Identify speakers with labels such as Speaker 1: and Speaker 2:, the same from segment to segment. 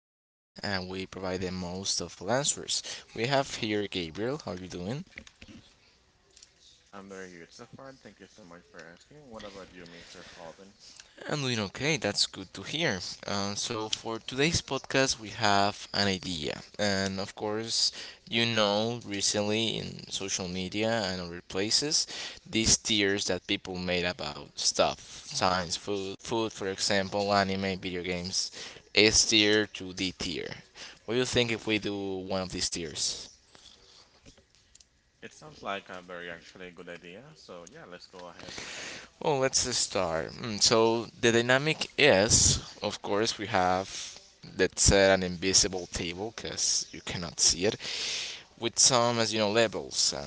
Speaker 1: everything and we provide the most of answers. We have here Gabriel. How are you doing?
Speaker 2: I'm very good so far. Thank you so much for asking. What about you, Mr. Calvin?
Speaker 1: I'm doing okay, that's good to hear. For today's podcast, we have an idea. And of course, recently in social media and other places, these tiers that people made about stuff science, food for example, anime, video games, S tier to D tier. What do you think if we do one of these tiers?
Speaker 2: It sounds like a very actually good idea. So yeah, let's go ahead.
Speaker 1: Well, let's just start. So the dynamic is, of course, we have let's say an invisible table because you cannot see it with some as you know levels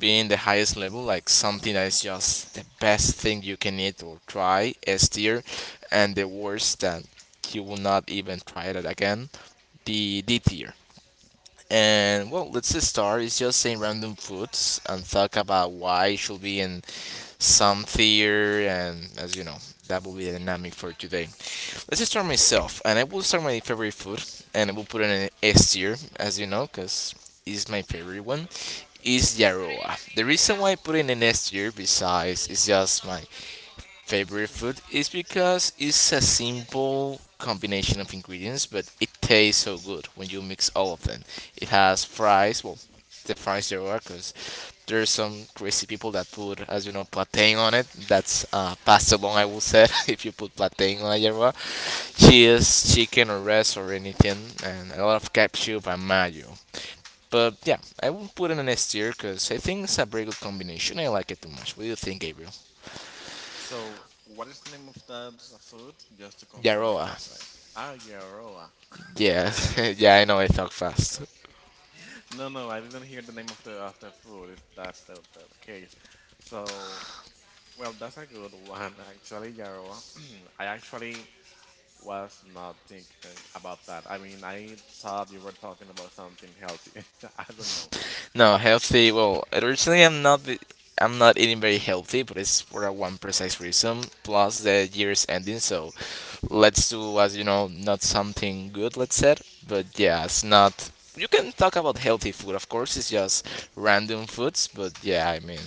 Speaker 1: being the highest level like something that is just the best thing you can eat or try s tier and the worst that you will not even try that again the d tier and well let's just start, it's just saying random foods and talk about why it should be in some fear, and that will be the dynamic for today. Let's just start myself, and I will start my favorite food, and I will put it in S tier, because it's my favorite one. Is Yaroa. The reason why I put it in S tier, besides it's just my favorite food, is because it's a simple combination of ingredients, but it tastes so good when you mix all of them. It has fries, well, the fries Yaroa, because there's some crazy people that put, plantain on it. That's pasta long, I will say, if you put plantain on la yerba. Cheese, chicken, or res, or anything, and a lot of ketchup and mayo. But yeah, I will put it in S tier because I think it's a very good combination. I like it too much. What do you think, Gabriel?
Speaker 2: So what is the name of that food? Just to confirm
Speaker 1: Yaroa.
Speaker 2: because I ah yeah rolla.
Speaker 1: Yeah, yeah, I know I talk fast.
Speaker 2: No, I didn't hear the name of the food. If that's the case. So well, that's a good one actually, Yaroa. I actually was not thinking about that. I mean, I thought you were talking about something healthy. I don't know.
Speaker 1: No, healthy. Well, originally I'm not. I'm not eating very healthy, but it's for a one precise reason. Plus, the year's ending, so let's do not something good. Let's say, but yeah, it's not. You can talk about healthy food, of course. It's just random foods, but yeah, I mean.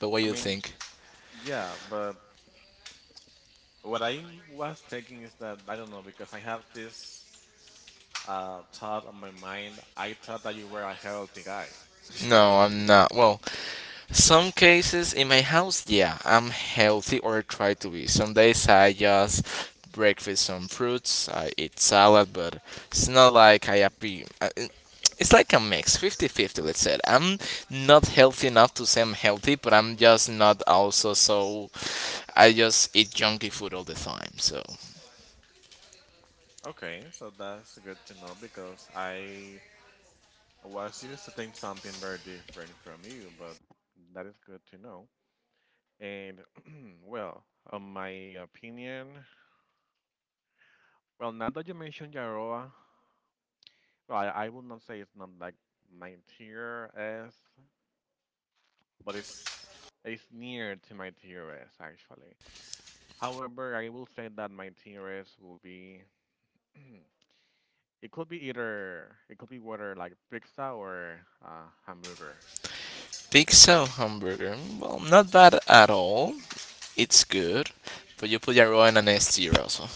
Speaker 1: But what
Speaker 2: I
Speaker 1: you
Speaker 2: mean,
Speaker 1: think?
Speaker 2: yeah, but what I was thinking is that I don't know because I have this thought on my mind. I thought that you were a healthy guy. I don't
Speaker 1: No, I'm
Speaker 2: know.
Speaker 1: not. Well, some cases in my house, yeah, I'm healthy or try to be. Some days I just breakfast some fruits, I eat salad, but it's not like I happy. It's like a mix, 50-50 let's say. I'm not healthy enough to say I'm healthy, but I'm just not also so. I just eat junky food all the time, so.
Speaker 2: Okay, so that's good to know because I was used to think something very different from you, but that is good to know. And well, on my opinion, well, now that you mentioned Yaroa, well, I would not say it's not like my tier S, but it's near to my TRS actually. However, I will say that my TRS will be it could be either, it could be whether like pizza or hamburger.
Speaker 1: Pizza or hamburger? Well, not bad at all. It's good, but you put your raw in an S tier also.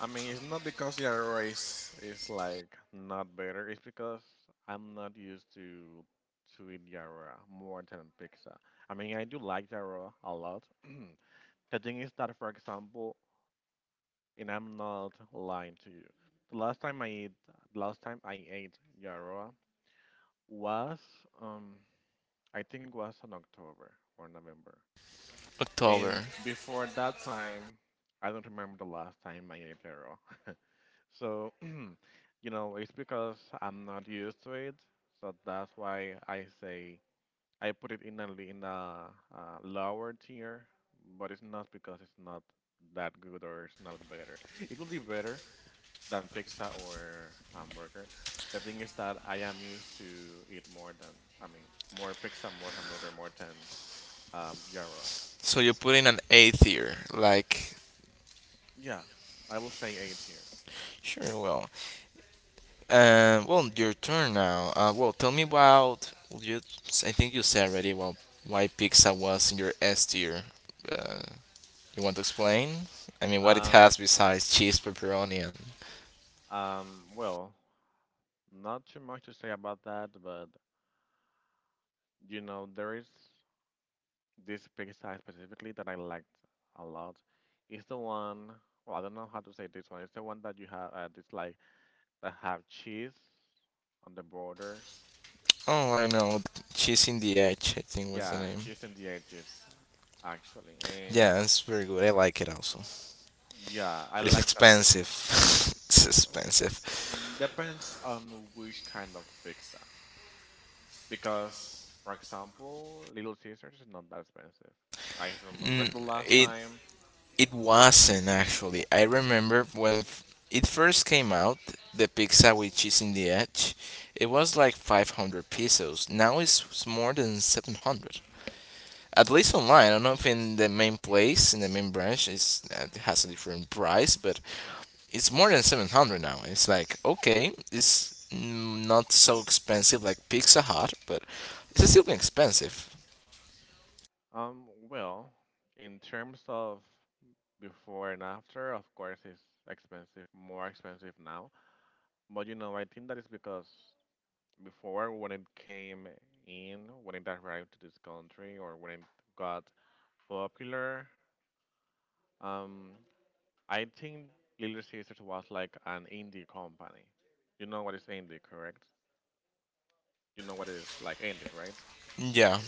Speaker 2: I mean, it's not because the Aurora is like not better. It's because I'm not used to eat the Aurora more than pizza. I mean, I do like the Aurora a lot. The thing is that, for example, and I'm not lying to you. The last time I ate, the last time I ate yarrow was, um, I think it was in October or November. And
Speaker 1: October.
Speaker 2: before that time, I don't remember the last time I ate yarrow. So, you know, it's because I'm not used to it. So that's why I say I put it in a lower tier, but it's not because it's not that good or it's not better. It will be better than pizza or hamburger. The thing is that I am used to eat more than, I mean, more pizza, more hamburger, more than Yarra.
Speaker 1: So you put in an eighth year, like
Speaker 2: Yeah, I will say eight here.
Speaker 1: sure. Well, well, your turn now. Well, tell me about you. I think you said already. Well, why pizza was in your S tier. Uh, you want to explain? I mean, what it
Speaker 2: Um,
Speaker 1: has besides cheese, pepperoni, and
Speaker 2: well, not too much to say about that, but you know, there is this pizza specifically that I liked a lot. It's the one, well, I don't know how to say this one. It's the one that you have, it's like that have cheese on the borders.
Speaker 1: oh, I know, the cheese in the edge. I think was the
Speaker 2: Yeah,
Speaker 1: name.
Speaker 2: cheese in the edges, actually. And
Speaker 1: Yeah, it's very good. I like it also,
Speaker 2: yeah, I
Speaker 1: but it's
Speaker 2: like that.
Speaker 1: expensive. it's expensive.
Speaker 2: Depends on which kind of pizza. Because, for example, Little Caesars is not that expensive. I remember
Speaker 1: Mm,
Speaker 2: the last
Speaker 1: it
Speaker 2: time.
Speaker 1: It wasn't actually. I remember when it first came out, the pizza with cheese in the edge, it was like 500 pesos. Now it's more than 700. At least online, I don't know if in the main place, in the main branch, it's, it has a different price, but it's more than 700 now. It's like, okay, it's not so expensive like Pizza Hut, but it's still expensive.
Speaker 2: Well, in terms of before and after, of course, it's expensive, more expensive now. But you know, I think that is because before, when it came in, when it arrived to this country, or when it got popular, um, I think Little Sisters was like an indie company. You know what is indie, correct? You know what is like indie, right?
Speaker 1: Yeah.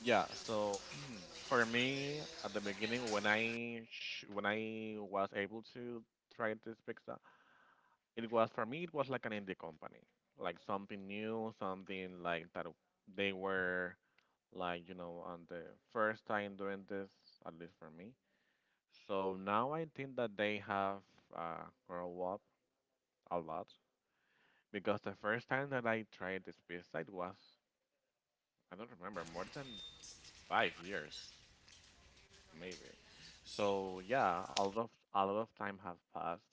Speaker 2: Yeah. So for me, at the beginning, when when I was able to try this pizza, it was like an indie company, like something new, something like that. They were like, you know, on the first time doing this, at least for me. So now I think that they have grown up a lot. Because the first time that I tried this pesticide was, I don't remember, more than 5 years, maybe. So yeah, a lot of time have passed.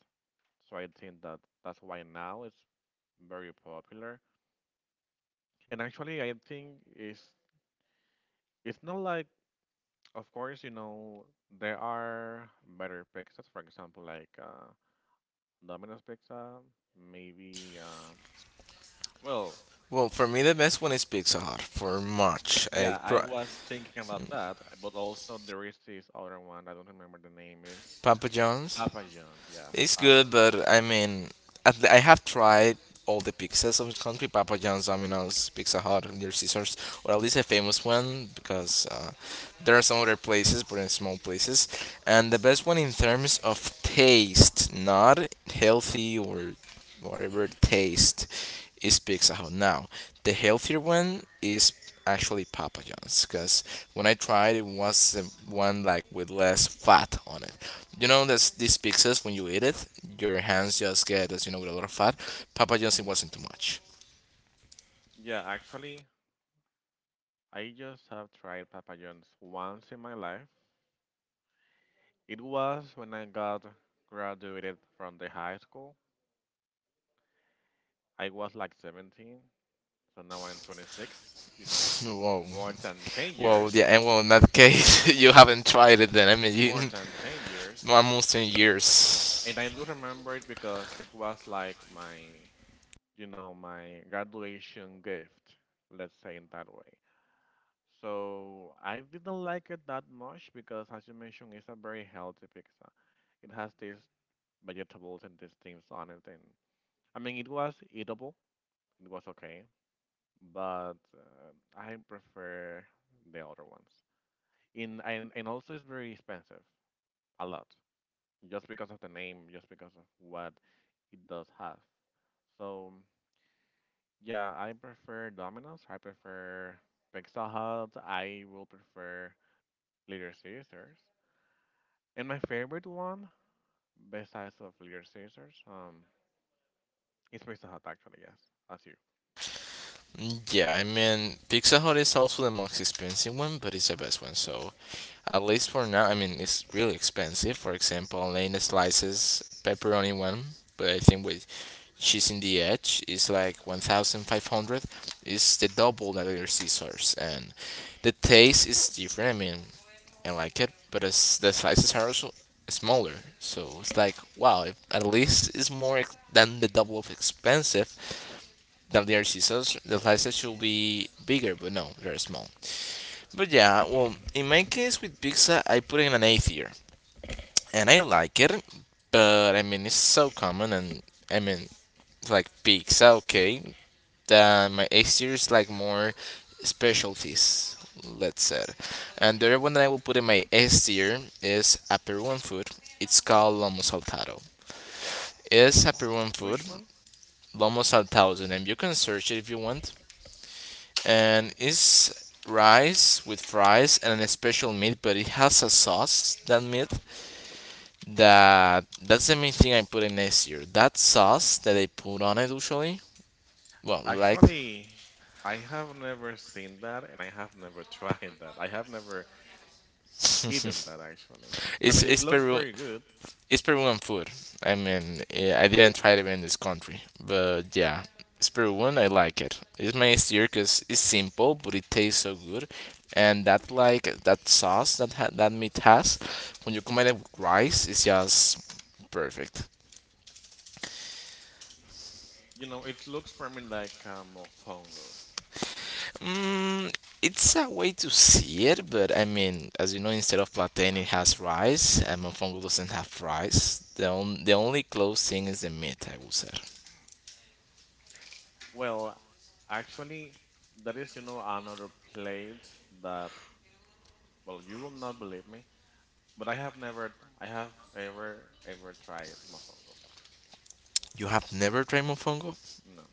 Speaker 2: So I think that that's why now it's very popular. And actually, I think it's not like, of course, you know, there are better pizzas. For example, like Domino's pizza, maybe. Well,
Speaker 1: Well, for me, the best one is Pizza Hut for March. I
Speaker 2: yeah, I
Speaker 1: try,
Speaker 2: was thinking about that, but also there is this other one. I don't remember the name. Is
Speaker 1: Papa John's.
Speaker 2: Papa John? Yes,
Speaker 1: It's
Speaker 2: Papa.
Speaker 1: good, but I mean, at I have tried all the pizzas of this country: Papa John's, Domino's, Pizza Hut, and their Caesars, or at least a famous one, because there are some other places, but in small places. And the best one in terms of taste, not healthy or whatever taste, is Pizza Hut. Now, the healthier one is actually Papa John's, because when I tried, it was the one like with less fat on it. You know, these pizzas, when you eat it, your hands just get, with a lot of fat. Papa John's, it wasn't too much.
Speaker 2: Yeah, actually, I just have tried Papa John's once in my life. It was when I got graduated from the high school. I was like 17, so now I'm 26. You know,
Speaker 1: Whoa.
Speaker 2: more than 10
Speaker 1: Well,
Speaker 2: years.
Speaker 1: yeah, and well, in that case, you haven't tried it then. I mean, you,
Speaker 2: More than 10 years.
Speaker 1: almost ten years.
Speaker 2: And I do remember it because it was like my, you know, my graduation gift, let's say in that way. So I didn't like it that much because, as you mentioned, it's a very healthy pizza. It has these vegetables and these things on it, and I mean, it was eatable, it was okay, but I prefer the other ones. In and also, it's very expensive, a lot, just because of the name, just because of what it does have. So. Yeah, I prefer Domino's. I prefer Pizza Hut. I will prefer Little Caesars. And my favorite one, besides of Little Caesars, is Pizza Hut actually. Yes, that's you.
Speaker 1: Yeah, I mean, Pizza Hut is also the most expensive one, but it's the best one. So at least for now, I mean, it's really expensive. For example, Lane slices pepperoni one, but I think with cheese in the edge is like 1,500. It's the double that other Caesar's, and the taste is different. I mean, and like it, but it's, the slices are also smaller. So it's like, wow, if at least it's more than the double of expensive than the other scissors. The slices should be bigger, but no, they're small. But yeah, well, in my case with pizza, I put in an A tier, and I like it, but I mean, it's so common, and I mean, like pizza, okay, my A series like more specialties, let's say. And the other one that I will put in my S tier is a Peruvian food. It's called lomo saltado. It's a Peruvian food,
Speaker 2: Which one?
Speaker 1: lomo saltado is the name. You can search it if you want. And it's rice with fries and a special meat, but it has a sauce. That meat that's the main thing I put in S tier. That sauce that they put on it usually. Well, like
Speaker 2: Actually, I have never seen that, and I have never tried that. I have never eaten
Speaker 1: it's
Speaker 2: that actually. I mean, it
Speaker 1: it's
Speaker 2: looks
Speaker 1: Peru
Speaker 2: very good.
Speaker 1: It's Peruvian food. I mean, eh, I didn't try it in this country, but yeah, it's Peruvian. I like it. It's my easier because it's simple, but it tastes so good. And that like that sauce that that meat has, when you combine it with rice, it's just perfect.
Speaker 2: You know, it looks for me like a mofongo.
Speaker 1: Mm, it's a way to see it, but I mean, instead of plantain, it has rice, and mofongo doesn't have rice. The only close thing is the meat, I would say.
Speaker 2: Well, actually, that is, you know, another plate that. Well, you will not believe me, but I have never, I have ever, ever tried mofongo.
Speaker 1: You have never tried mofongo?
Speaker 2: No.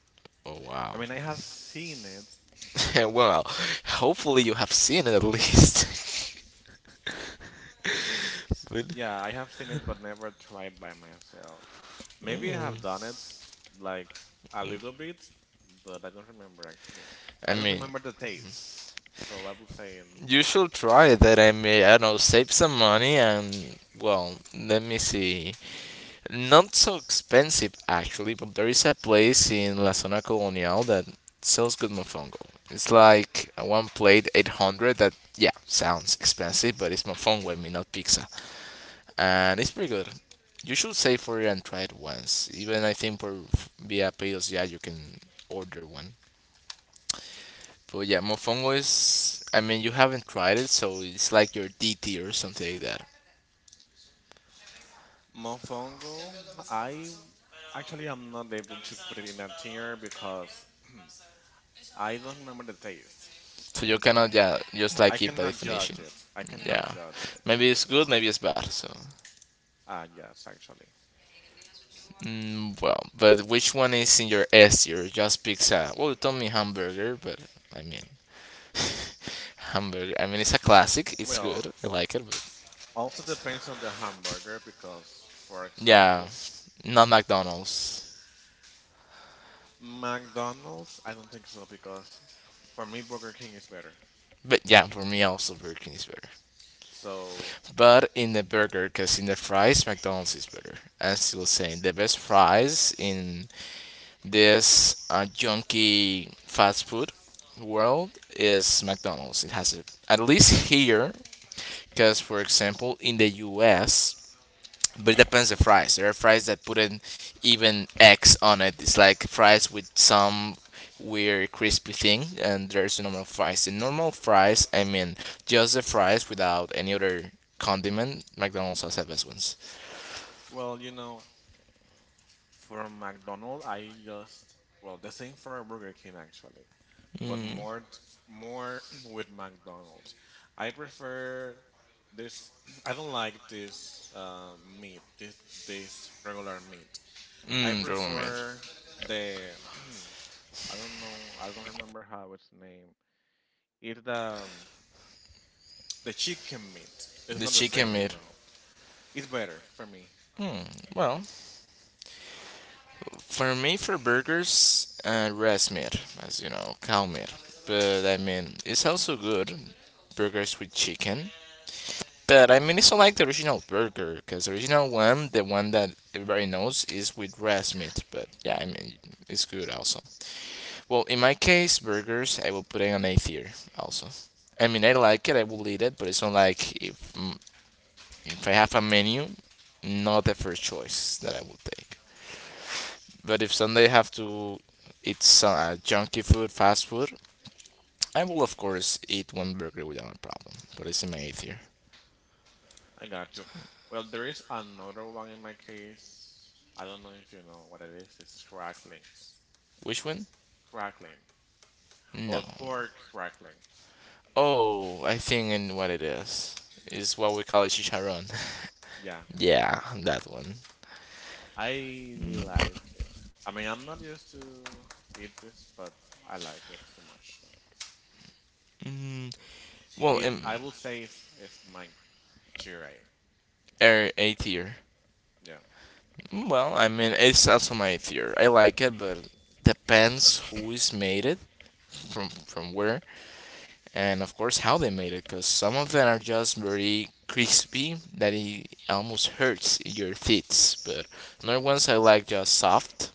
Speaker 1: Oh
Speaker 2: I
Speaker 1: wow.
Speaker 2: mean, I have seen it.
Speaker 1: well, hopefully you have seen it at least. But,
Speaker 2: Yeah, I have seen it, but never tried by myself. Maybe I have done
Speaker 1: mm,
Speaker 2: it, like a little bit, but I don't remember actually.
Speaker 1: I
Speaker 2: I don't
Speaker 1: mean,
Speaker 2: remember the taste, so I will say
Speaker 1: you
Speaker 2: no.
Speaker 1: should try that. I may, I don't know, save some money and well, let me see. Not so expensive actually, but there is a place in La Zona Colonial that sells good mofongo. It's like one plate 800 that yeah, sounds expensive, but it's mofongo, I mean not pizza. And it's pretty good. You should save for it and try it once. Even I think for via Payos, yeah, you can order one. But yeah, Mofongo is. I mean, you haven't tried it, so it's like your D tier or something like that.
Speaker 2: Mofongo, I actually am not able to put it in a tier because I don't remember the taste.
Speaker 1: So you cannot, yeah, just like
Speaker 2: I
Speaker 1: keep by
Speaker 2: cannot
Speaker 1: definition.
Speaker 2: judge it. I cannot
Speaker 1: Yeah,
Speaker 2: judge it.
Speaker 1: maybe it's good, maybe it's bad. So,
Speaker 2: Yes, actually.
Speaker 1: well, but which one is in your S tier? Just pizza. Well, you told me hamburger, but I mean, hamburger. I mean, it's a classic. It's
Speaker 2: Well,
Speaker 1: good. I like it. But
Speaker 2: also depends on the hamburger because, for
Speaker 1: yeah,
Speaker 2: example,
Speaker 1: not McDonald's.
Speaker 2: McDonald's, I don't think so because for me, Burger King is better.
Speaker 1: But yeah, for me also Burger King is better.
Speaker 2: So,
Speaker 1: But in the burger, because in the fries, McDonald's is better. I'm still saying the best fries in this junky fast food world is McDonald's. It has it at least here, because for example, in the U.S., but it depends the fries. There are fries that put an even X on it. It's like fries with some weird crispy thing, and there's normal fries. The normal fries, I mean, just the fries without any other condiment. McDonald's has the best ones.
Speaker 2: well, you know, from McDonald's, I just, well, the same for Burger King actually, but
Speaker 1: Mm,
Speaker 2: more with McDonald's. I prefer this, I don't like this uh, meat, this regular meat. I
Speaker 1: Roman meat.
Speaker 2: prefer the I don't know, I don't remember how it's named. It's um, the chicken meat. It's
Speaker 1: The
Speaker 2: not the
Speaker 1: chicken
Speaker 2: same, you
Speaker 1: meat.
Speaker 2: know. It's better for me.
Speaker 1: Hmm. Well, for me, for burgers, res meat, cow meat. But I mean, it's also good. Burgers with chicken. But I mean, it's not like the original burger, because the original one, the one that everybody knows, is with breast meat. But yeah, I mean, it's good also. Well, in my case, burgers, I will put it on A tier also. I mean, I like it, I will eat it, but it's not like if if I have a menu, not the first choice that I will take. But if someday I have to eat some junky food, fast food, I will of course eat one burger without a problem. But it's in my A tier.
Speaker 2: I got you. Well, there is another one in my case. I don't know if you know what it is. It's cracklings,
Speaker 1: Which one?
Speaker 2: crackling
Speaker 1: No.
Speaker 2: or pork crackling.
Speaker 1: Oh, I think and what it is what we call it chicharron.
Speaker 2: Yeah,
Speaker 1: yeah, that one.
Speaker 2: I like it. I mean, I'm not used to eat this, but I like it so much.
Speaker 1: Mm, well,
Speaker 2: It,
Speaker 1: um,
Speaker 2: I will say it's my cherry.
Speaker 1: A tier.
Speaker 2: Yeah.
Speaker 1: Well, I mean, it's also my tier. I like it, but depends who is made it from where, and of course how they made it. Cause some of them are just very crispy that it almost hurts your teeth, but other ones I like just soft.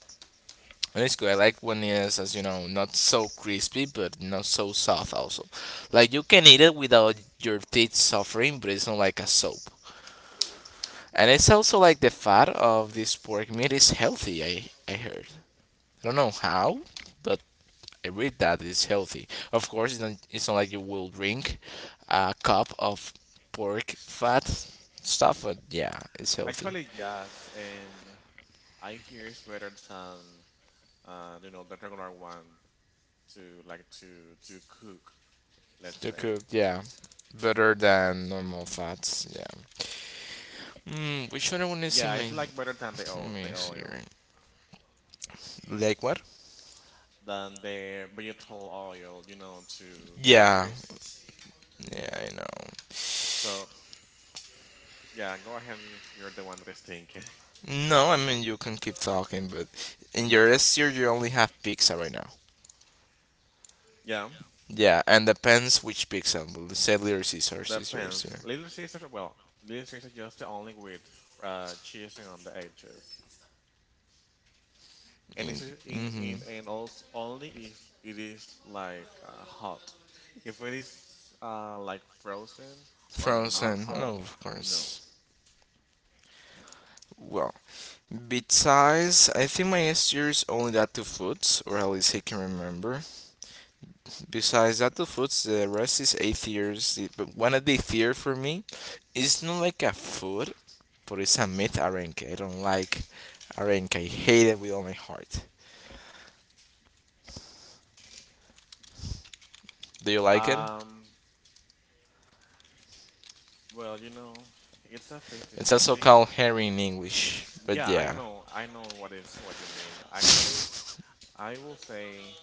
Speaker 1: And it's good. I like when it's, as you know, not so crispy, but not so soft also. Like you can eat it without your teeth suffering, but it's not like a soap. And it's also like the fat of this pork meat is healthy. I heard. I don't know how, but I read that it's healthy. Of course, it's not like you will drink a cup of pork fat stuff, but yeah, it's healthy
Speaker 2: Actually, yes, and I hear it's better than you know, the regular one to like to cook. Let's
Speaker 1: to
Speaker 2: say,
Speaker 1: cook. Yeah, better than normal fats. Yeah. Which other one is in
Speaker 2: yeah,
Speaker 1: my?
Speaker 2: it's like
Speaker 1: Let
Speaker 2: better than
Speaker 1: me
Speaker 2: the
Speaker 1: see.
Speaker 2: oil,
Speaker 1: Right. Like what?
Speaker 2: than the vegetable oil, you know, to
Speaker 1: Yeah.
Speaker 2: free.
Speaker 1: Yeah, I know.
Speaker 2: So yeah, go ahead, you're the one that is thinking.
Speaker 1: No, I mean you can keep talking, but in your S tier you only have pizza right now.
Speaker 2: Yeah,
Speaker 1: Yeah, and depends which pizza. Sadly or Caesar, Caesar,
Speaker 2: depends.
Speaker 1: Caesar.
Speaker 2: Little Caesar, well, Little Caesar just the only with cheese on the edges. And it's just
Speaker 1: Mm-hmm.
Speaker 2: in and also only if it is like hot. If it is like frozen or not
Speaker 1: Frozen.
Speaker 2: hot,
Speaker 1: No, of
Speaker 2: no.
Speaker 1: course. Well, besides, I think my S tier is only that two foods, or at least I can remember. Besides that, the foods, the rest is atheist. But one of the theory for me, it's not like a food, but it's a myth arenque. I don't like arenque. I hate it with all my heart. Do you like it?
Speaker 2: Um, well, you know, it's a
Speaker 1: It's also
Speaker 2: 50-50.
Speaker 1: called herring in English. But
Speaker 2: Yeah,
Speaker 1: yeah,
Speaker 2: I know what is what you mean. Actually, I will say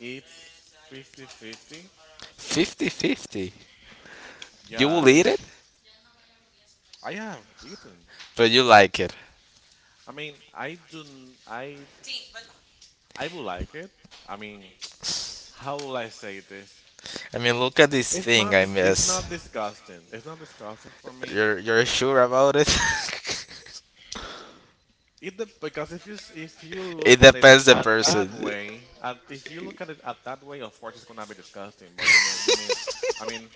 Speaker 2: it's 50-50.
Speaker 1: 50-50. You
Speaker 2: Yeah,
Speaker 1: will eat
Speaker 2: it,
Speaker 1: it,
Speaker 2: I have eaten.
Speaker 1: but you like it.
Speaker 2: I mean, I would like it. I mean, how will I say this?
Speaker 1: I mean, look at this thing I
Speaker 2: It's not
Speaker 1: miss.
Speaker 2: disgusting. It's not disgusting for me.
Speaker 1: You're sure about it?
Speaker 2: Because if you
Speaker 1: it
Speaker 2: look at it
Speaker 1: depends the
Speaker 2: at that
Speaker 1: person.
Speaker 2: way, if you look at it at that way, of course it's gonna be disgusting. But you know, you mean, I mean,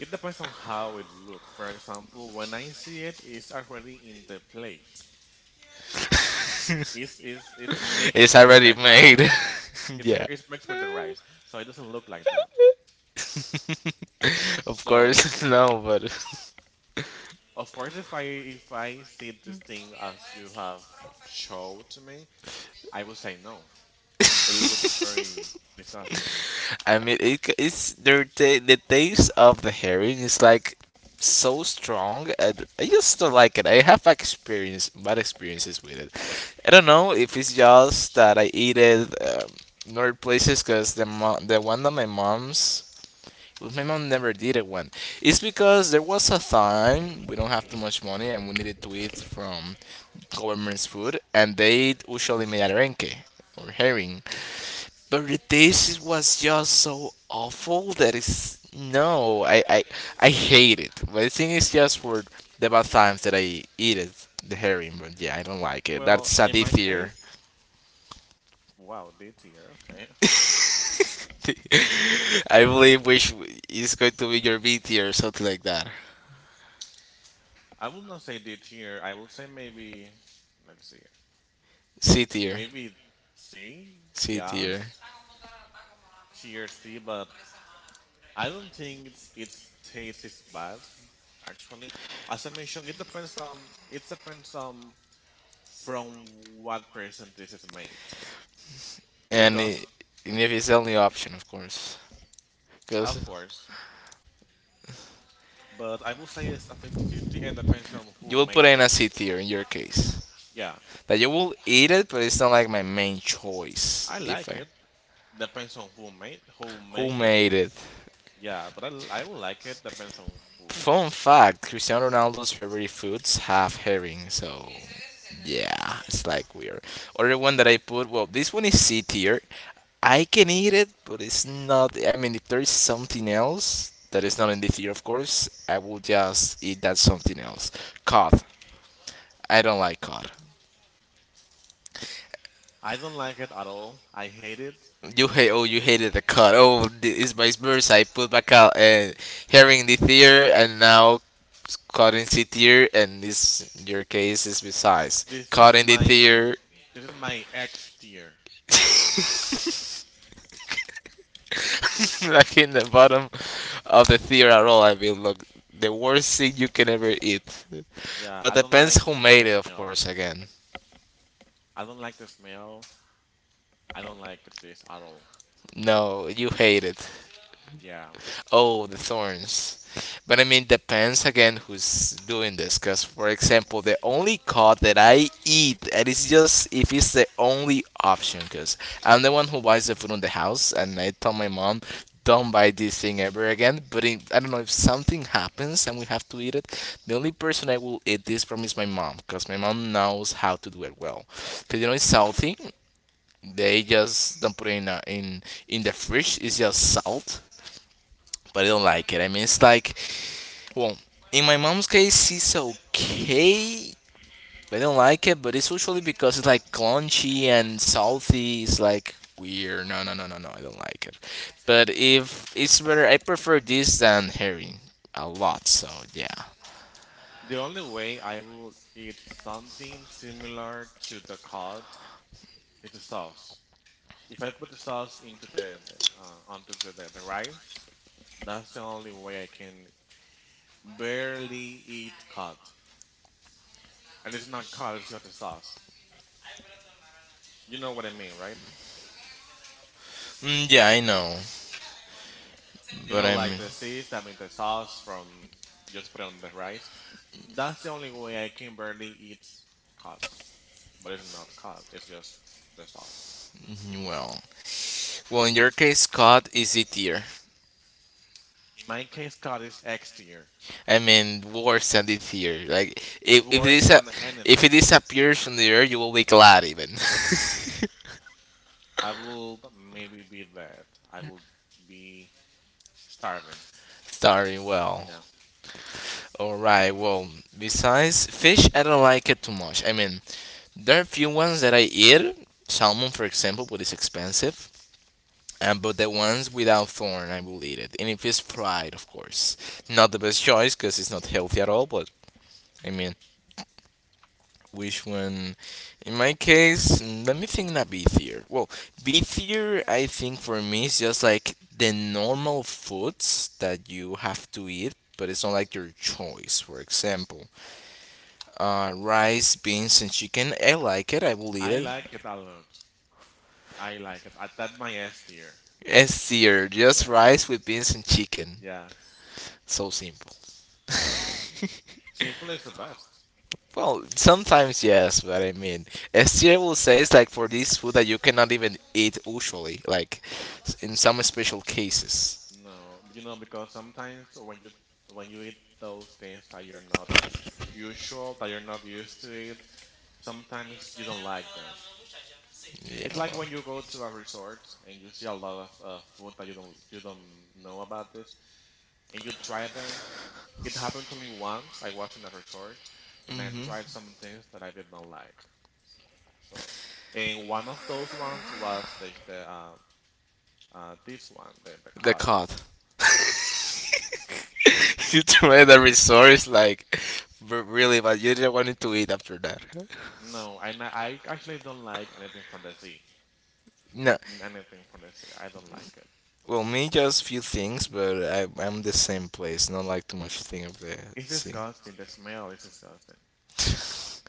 Speaker 2: it depends on how it looks. For example, when I see it, it's already in the plate. It's mixed
Speaker 1: It's
Speaker 2: with
Speaker 1: already
Speaker 2: the rice.
Speaker 1: made. yeah.
Speaker 2: It's mixed with the rice, so it doesn't look like that.
Speaker 1: of
Speaker 2: So
Speaker 1: course, no, but
Speaker 2: of course, if I see this thing as you have showed to me, I will say no. It looks very disgusting.
Speaker 1: I mean, it, c- it's their ta- the taste of the herring is like so strong, and I just don't like it. I have experience bad experiences with it. I don't know if it's just that I eat it in other places because the one that my mom's. Well, my mom never did it one. It's because there was a time we don't have too much money and we needed to eat from government's food, and they usually made arenque or herring. But the taste was just so awful that it's no, I hate it. But I think it's just for the bad times that I eat it, the herring. But yeah, I don't like it.
Speaker 2: Well,
Speaker 1: That's a
Speaker 2: in my
Speaker 1: this year.
Speaker 2: case, wow, D tier. Okay.
Speaker 1: I believe which is going to be your B tier or something like that.
Speaker 2: I will not say D tier. I will say maybe, let's see,
Speaker 1: C tier.
Speaker 2: maybe C.
Speaker 1: C
Speaker 2: Yeah,
Speaker 1: tier.
Speaker 2: tier C. But I don't think its taste is bad. Actually, as I mentioned, it depends on from what person this is made.
Speaker 1: And,
Speaker 2: Because
Speaker 1: it, and if it's the only option, of course. Because
Speaker 2: of course, but I will say it's a 50-50, and depends on who
Speaker 1: you will
Speaker 2: made
Speaker 1: put it in
Speaker 2: it.
Speaker 1: a C tier in your case.
Speaker 2: Yeah,
Speaker 1: That you will eat it, but it's not like my main choice.
Speaker 2: I
Speaker 1: If
Speaker 2: like
Speaker 1: I,
Speaker 2: it. Depends on who
Speaker 1: who
Speaker 2: make it.
Speaker 1: made it?
Speaker 2: Yeah, but I will like it. Depends on who.
Speaker 1: Fun fact: Cristiano Ronaldo's favorite foods have herring, so yeah, it's like weird. Other one that I put, well, this one is C tier. I can eat it, but it's not. I mean, if there's something else that is not in the tier, of course, I will just eat that something else. Cod. I don't like cod.
Speaker 2: I don't like it at all. I hate it.
Speaker 1: You hate. Oh, you hated the cut. Oh, it's my experience. I put my hearing the ear and now cut in the ear, and this your case is besides
Speaker 2: This is
Speaker 1: cut in the
Speaker 2: my
Speaker 1: ear,
Speaker 2: this is my X tier.
Speaker 1: like in the bottom of the ear at all. I mean, look, the worst thing you can ever eat.
Speaker 2: Yeah,
Speaker 1: But
Speaker 2: I don't
Speaker 1: depends
Speaker 2: like
Speaker 1: who made
Speaker 2: the
Speaker 1: it, of
Speaker 2: smell.
Speaker 1: course. Again,
Speaker 2: I don't like the smell. I don't like this at all.
Speaker 1: no, you hate it.
Speaker 2: Yeah.
Speaker 1: Oh, the thorns. But I mean, depends again who's doing this. Because, for example, the only cod that I eat, and it's just if it's the only option. Because I'm the one who buys the food in the house, and I tell my mom, don't buy this thing ever again. But in, I don't know if something happens and we have to eat it. The only person I will eat this from is my mom. Because my mom knows how to do it well. Because, you know, it's salty. They just don't put it in, in the fridge. It's just salt but I don't like it. I mean, it's like, well, in my mom's case, it's okay. But I don't like it, but it's usually because it's like crunchy and salty. It's like weird. No, no, no, no, no. I don't like it. But if it's better, I prefer this than herring a lot. So yeah,
Speaker 2: The only way I will eat something similar to the cod is the sauce. If I put the sauce into onto the rice, that's the only way I can barely eat cod. And it's not cod, it's just a sauce. You know what I mean, right?
Speaker 1: mm, yeah, I know. But I am
Speaker 2: Like the seeds, I mean, the sauce from just put it on the rice. That's the only way I can barely eat cod. But it's not cod, it's just the sauce.
Speaker 1: well, in your case, cod is it tier.
Speaker 2: My case, cod is X tier.
Speaker 1: I mean, worse than the tier. Like
Speaker 2: It's
Speaker 1: if if
Speaker 2: worse
Speaker 1: this
Speaker 2: than
Speaker 1: if
Speaker 2: anything.
Speaker 1: it disappears from the earth, you will be glad even.
Speaker 2: I will maybe be that. I will be starving.
Speaker 1: Starting well.
Speaker 2: Yeah.
Speaker 1: Alright, well, besides fish, I don't like it too much. I mean, there are few ones that I eat, salmon for example, but it's expensive. But the ones without thorn, I will eat it. And if it's fried, of course. Not the best choice because it's not healthy at all, but I mean, which one? In my case, let me think not beefier. Well, beefier, I think for me, is just like the normal foods that you have to eat, but it's not like your choice. For example, rice, beans, and chicken. I like it. I will eat
Speaker 2: I
Speaker 1: it.
Speaker 2: like it a lot. I like it. That my S tier.
Speaker 1: It's seared. Just
Speaker 2: Yes.
Speaker 1: rice with beans and chicken.
Speaker 2: Yes.
Speaker 1: So simple.
Speaker 2: Simple is the best.
Speaker 1: Well, sometimes yes, but I mean, Esther will say it's like for this food that you cannot even eat usually, like in some special cases.
Speaker 2: No, because sometimes when you eat those things that you're not usual, that you're not used to it, sometimes you don't like them. It's like
Speaker 1: Yeah.
Speaker 2: when you go to a resort and you see a lot of food that you don't know about this, and you try them. It happened to me once. I was in a resort, and I tried some things that I did not like. So, and one of those ones was the this one, the
Speaker 1: The
Speaker 2: cod.
Speaker 1: cod. you tried the resort is like really, but you didn't want it to eat after that.
Speaker 2: No, I actually don't like anything from the sea.
Speaker 1: No,
Speaker 2: Anything from the sea, I don't like it.
Speaker 1: well, me just few things, but I'm the same place. Not like too much thing of the
Speaker 2: It's
Speaker 1: sea.
Speaker 2: disgusting. The smell is disgusting.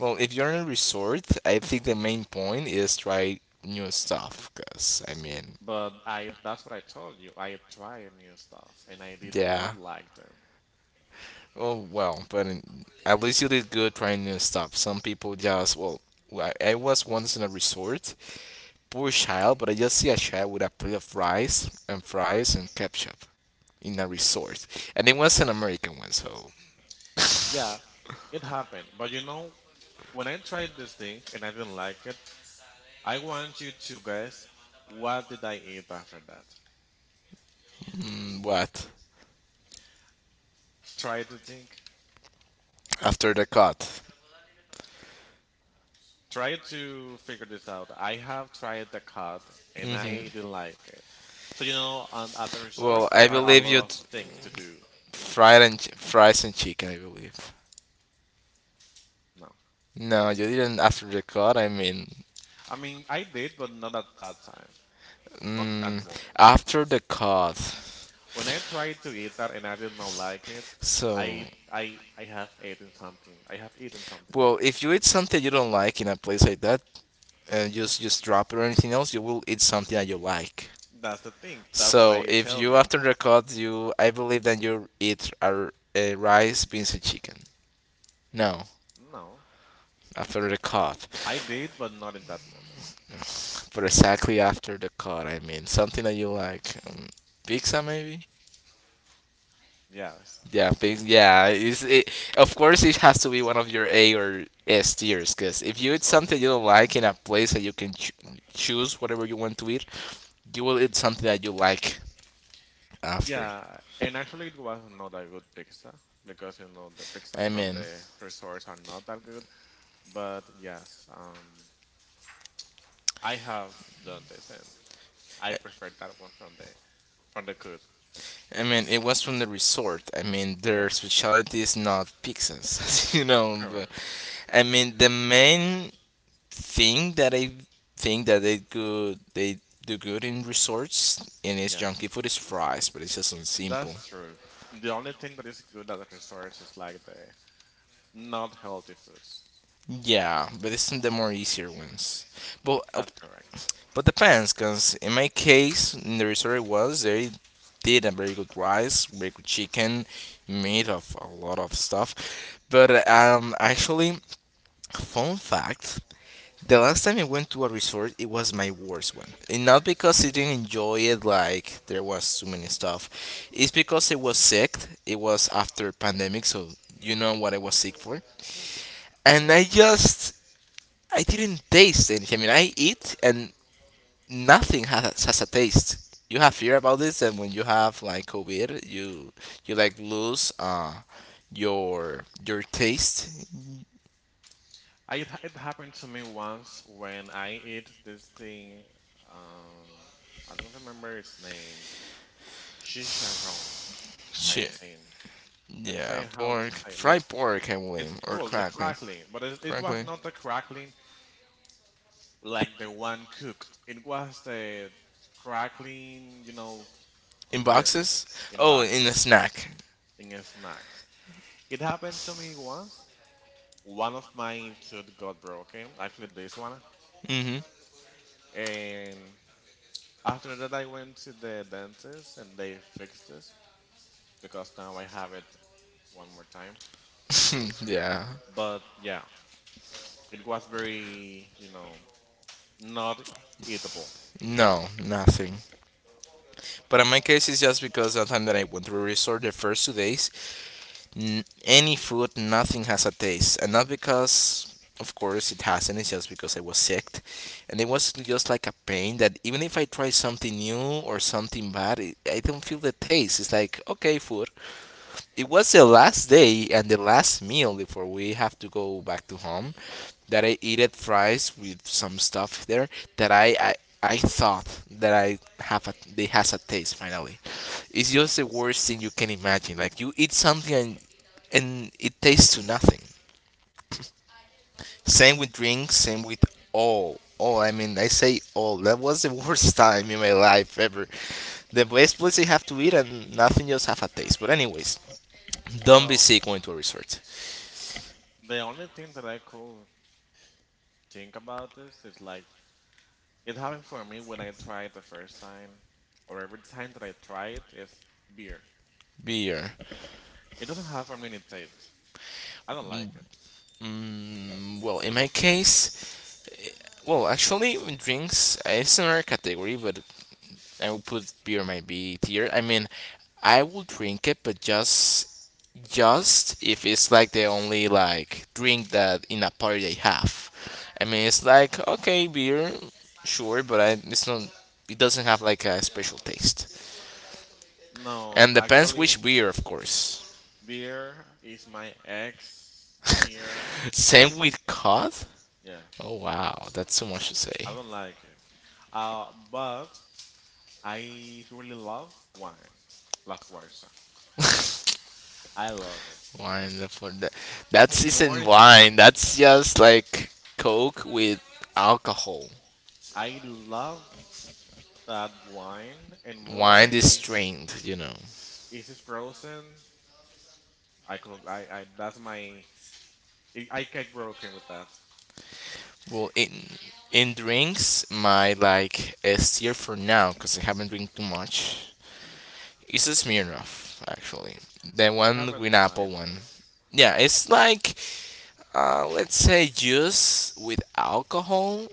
Speaker 1: well, if you're in a resort, I think the main point is try new stuff. Cause I mean,
Speaker 2: But I that's what I told you. I tried new stuff and I did not
Speaker 1: yeah.
Speaker 2: like them.
Speaker 1: Oh well, but at least you did good trying new stuff. Some people just well, I was once in a resort, poor child, but I just see a child with a plate of rice and fries and ketchup in a resort, and it was an American one. So
Speaker 2: Yeah, it happened. But when I tried this thing and I didn't like it, I want you to guess what did I eat after that.
Speaker 1: what?
Speaker 2: Try to think.
Speaker 1: After the cut.
Speaker 2: Try to figure this out. I have tried the cut and
Speaker 1: Hmm.
Speaker 2: I didn't like it. So at the resource
Speaker 1: Well,
Speaker 2: there
Speaker 1: I
Speaker 2: are a
Speaker 1: believe
Speaker 2: lot
Speaker 1: you.
Speaker 2: of things to do.
Speaker 1: Fried and fries and chicken, I believe.
Speaker 2: No,
Speaker 1: No, you didn't after the cut. I mean,
Speaker 2: I mean I did, but not at that time, not at that
Speaker 1: mm,
Speaker 2: moment.
Speaker 1: after the cut.
Speaker 2: When I tried to eat that and I did not like it,
Speaker 1: So,
Speaker 2: I have eaten something. I have eaten something
Speaker 1: well,
Speaker 2: different.
Speaker 1: if you eat something you don't like in a place like that, just drop it or anything else, you will eat something that you like.
Speaker 2: That's the thing. That's why
Speaker 1: So
Speaker 2: I
Speaker 1: if
Speaker 2: tell
Speaker 1: you
Speaker 2: you.
Speaker 1: after the cut, you I believe that you eat a rice, beans, and chicken. No,
Speaker 2: No,
Speaker 1: after the cut,
Speaker 2: I did, but not in that moment.
Speaker 1: but exactly after the cut, I mean something that you like. Pizza maybe.
Speaker 2: Yes,
Speaker 1: Yeah, pizza. Yeah, of course it has to be one of your A or S tiers, because if
Speaker 2: I
Speaker 1: you eat
Speaker 2: told
Speaker 1: something
Speaker 2: you.
Speaker 1: you don't like in a place that you can choose whatever you want to eat, you will eat something that you like after.
Speaker 2: Yeah, and actually it was not a good pizza because the pizzas
Speaker 1: I
Speaker 2: from
Speaker 1: mean,
Speaker 2: the resorts are not that good. But yes, I have done this and I prefer that one from the good.
Speaker 1: I mean, it was from the resort. I mean, their
Speaker 2: Yeah,
Speaker 1: specialty is not pizzas, you know. But
Speaker 2: correct.
Speaker 1: I mean, the main thing that I think that they could they do good in resorts and it's
Speaker 2: Yes,
Speaker 1: junky food is fries, but it's just on
Speaker 2: that's
Speaker 1: simple.
Speaker 2: true. The only thing that is good at the resorts is like the not healthy foods.
Speaker 1: Yeah, but it's the more easier ones. But uh,
Speaker 2: That's correct.
Speaker 1: but depends, cause in my case, in the resort it was they did a very good rice, very good chicken, made of a lot of stuff. But actually, fun fact the last time I went to a resort, it was my worst one. And not because I didn't enjoy it, like there was too many stuff. It's because I was sick. It was after pandemic, so you know what I was sick for.
Speaker 2: Yeah.
Speaker 1: And I didn't taste anything. I mean, I eat and nothing has a taste. You have fear about this, and when you have like COVID, you like lose your taste.
Speaker 2: It happened to me once when I eat this thing. Um, I don't remember its name. Chicharrón, I
Speaker 1: Shit.
Speaker 2: think. Let's
Speaker 1: Yeah,
Speaker 2: say how to
Speaker 1: pork.
Speaker 2: say. Let's.
Speaker 1: Fried pork, I
Speaker 2: It's
Speaker 1: believe, or
Speaker 2: well, the
Speaker 1: crackling.
Speaker 2: crackling, but it was
Speaker 1: Crackling.
Speaker 2: not a crackling like the one cooked. It was the crackling,
Speaker 1: In
Speaker 2: the
Speaker 1: boxes?
Speaker 2: in
Speaker 1: Oh, in a
Speaker 2: boxes,
Speaker 1: snack.
Speaker 2: in snacks. It happened to me once. One of my tooth got broken. Actually, this one.
Speaker 1: Mm-hmm.
Speaker 2: And after that, I went to the dentist, and they fixed this because now I have it one more time.
Speaker 1: yeah.
Speaker 2: But yeah, it was very, not eatable.
Speaker 1: No, nothing. But in my case, it's just because the time that I went to a resort the first 2 days, any food, nothing has a taste. And not because, of course, it hasn't, it's just because I was sick. And it was just like a pain that even if I try something new or something bad, I don't feel the taste. It's like, okay, food, it was the last day and the last meal before we have to go back to home that I ate at fries with some stuff there that I thought that I have a they has a taste finally. It's just the worst thing you can imagine. Like you eat something and it tastes to nothing. Same with drinks, same with all. All I mean I say all. That was the worst time in my life ever. The best place you have to eat and nothing just have a taste. But anyways, don't be
Speaker 2: Well,
Speaker 1: sick going to a resort.
Speaker 2: the only thing that I could think about this is like it happened for me when I tried the first time, or every time that I try it is beer.
Speaker 1: Beer.
Speaker 2: It doesn't have a mini taste. I don't like it.
Speaker 1: Well, in my case, eh, well, actually, drinks, it's another category, but I would put beer in my B tier. I mean, I will drink it, but just if it's like the only like drink that in a party they have. I mean, it's like okay, beer, sure, it's not. It doesn't have like a special taste,
Speaker 2: No,
Speaker 1: and depends which
Speaker 2: actually,
Speaker 1: beer, of course.
Speaker 2: beer is my ex tier.
Speaker 1: Same with cod.
Speaker 2: Yes,
Speaker 1: Oh wow, that's so much to say.
Speaker 2: I don't like it. But I really love wine, La Fuerza. I love it.
Speaker 1: Wine for that.
Speaker 2: And
Speaker 1: That
Speaker 2: more
Speaker 1: isn't
Speaker 2: if it's
Speaker 1: wine. That's just like Coke with alcohol.
Speaker 2: I love that wine and more
Speaker 1: Wine is
Speaker 2: if
Speaker 1: strained.
Speaker 2: if it's frozen. I could I that's my I get broken with that.
Speaker 1: Well, in drinks, my like a steer for now because I haven't drink too much. It's a Smirnoff actually. The
Speaker 2: I
Speaker 1: one
Speaker 2: haven't
Speaker 1: green
Speaker 2: tried
Speaker 1: apple
Speaker 2: that.
Speaker 1: one. Yeah, it's like let's say juice with alcohol.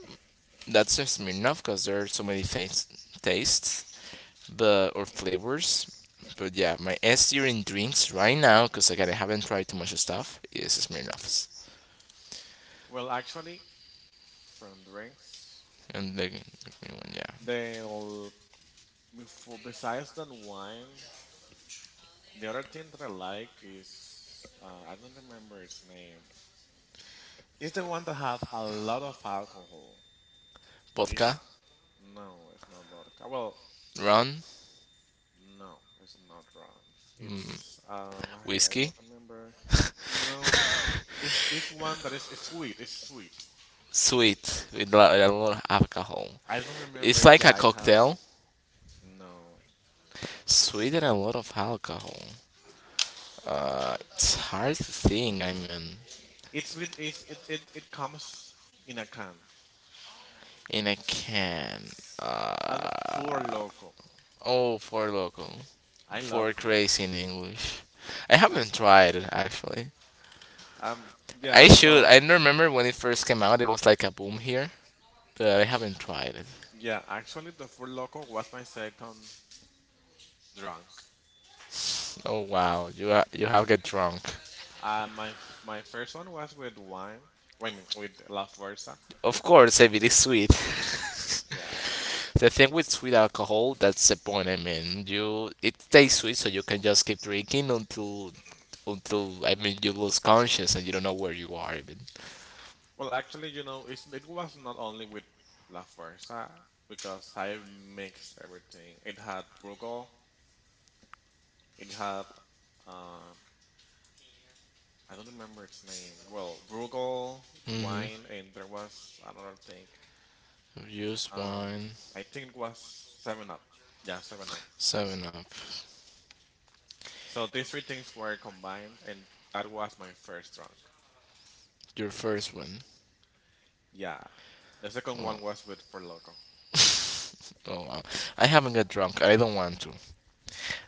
Speaker 1: That's a Smirnoff because there are so many things tastes but or flavors. But yeah, my S tier in drinks right now, because again I haven't tried too much stuff, is Smirnoff's.
Speaker 2: Well, actually, from drinks,
Speaker 1: And the green one, yeah,
Speaker 2: they'll before besides than wine, the other thing that I like is I don't remember its name. It's the one that have a lot of alcohol. It's
Speaker 1: vodka,
Speaker 2: no, it's not vodka. Well,
Speaker 1: rum,
Speaker 2: no, it's not wrong. It's I
Speaker 1: whiskey,
Speaker 2: don't remember. No, it's one that is it's sweet. It's sweet.
Speaker 1: sweet with a lot of alcohol.
Speaker 2: I don't remember
Speaker 1: It's
Speaker 2: it.
Speaker 1: like a
Speaker 2: Yeah, it has
Speaker 1: cocktail,
Speaker 2: no. Mm,
Speaker 1: sweet and a lot of alcohol.
Speaker 2: no.
Speaker 1: It's hard to think. I mean,
Speaker 2: It's with it's, it comes in a can.
Speaker 1: in a can.
Speaker 2: Four
Speaker 1: Uh,
Speaker 2: Loco.
Speaker 1: oh, for local,
Speaker 2: I love
Speaker 1: for
Speaker 2: Four
Speaker 1: crazy
Speaker 2: Loco.
Speaker 1: in English. I haven't tried it actually.
Speaker 2: Um,
Speaker 1: I
Speaker 2: yeah,
Speaker 1: should.
Speaker 2: well,
Speaker 1: I don't remember when it first came out, it was like a boom here, but I haven't tried it.
Speaker 2: yeah. Actually, the Four Loco was my second drunk.
Speaker 1: Oh wow, you have get drunk.
Speaker 2: Uh, my my first one was with wine. I mean, with La Fuerza.
Speaker 1: Of course, if it is sweet.
Speaker 2: Yeah,
Speaker 1: the thing with sweet alcohol, that's the point. I mean, you it tastes sweet, so you can just keep drinking until I mean you lose conscious and you don't know where you are even.
Speaker 2: well, actually, it was not only with La Fuerza because I mixed everything. It had Brugal, it had um, I don't remember its name. Well, Brugal
Speaker 1: Mm-hmm.
Speaker 2: wine, and there was another thing.
Speaker 1: Use
Speaker 2: Um,
Speaker 1: wine,
Speaker 2: I think it was Seven Up. Yeah, Seven Up.
Speaker 1: Seven Up,
Speaker 2: So these three things were combined, and that was my first drunk.
Speaker 1: your first one.
Speaker 2: Yeah, the second one was with For Loco.
Speaker 1: oh wow, I haven't got drunk. I don't want to.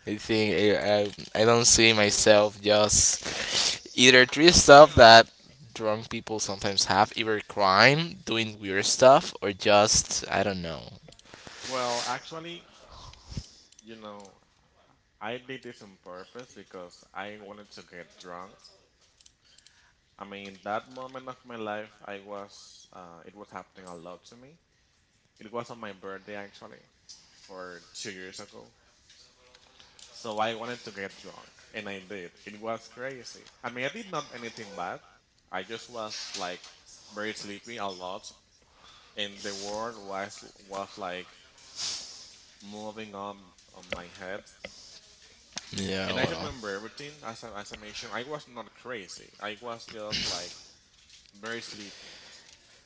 Speaker 1: I think I don't see myself just either doing stuff that drunk people sometimes have, either crime, doing weird stuff, or just I don't know.
Speaker 2: Well, actually, you know, I did this on purpose because I wanted to get drunk. I mean, that moment of my life, it was happening a lot to me. It was on my birthday actually, for 2 years ago. So I wanted to get drunk, and I did. It was crazy. I mean, I did not anything bad. I just was like very sleepy a lot, and the world was like moving on my head.
Speaker 1: Yeah,
Speaker 2: And I
Speaker 1: well,
Speaker 2: remember everything as I mentioned. I was not crazy. I was just like very sleepy,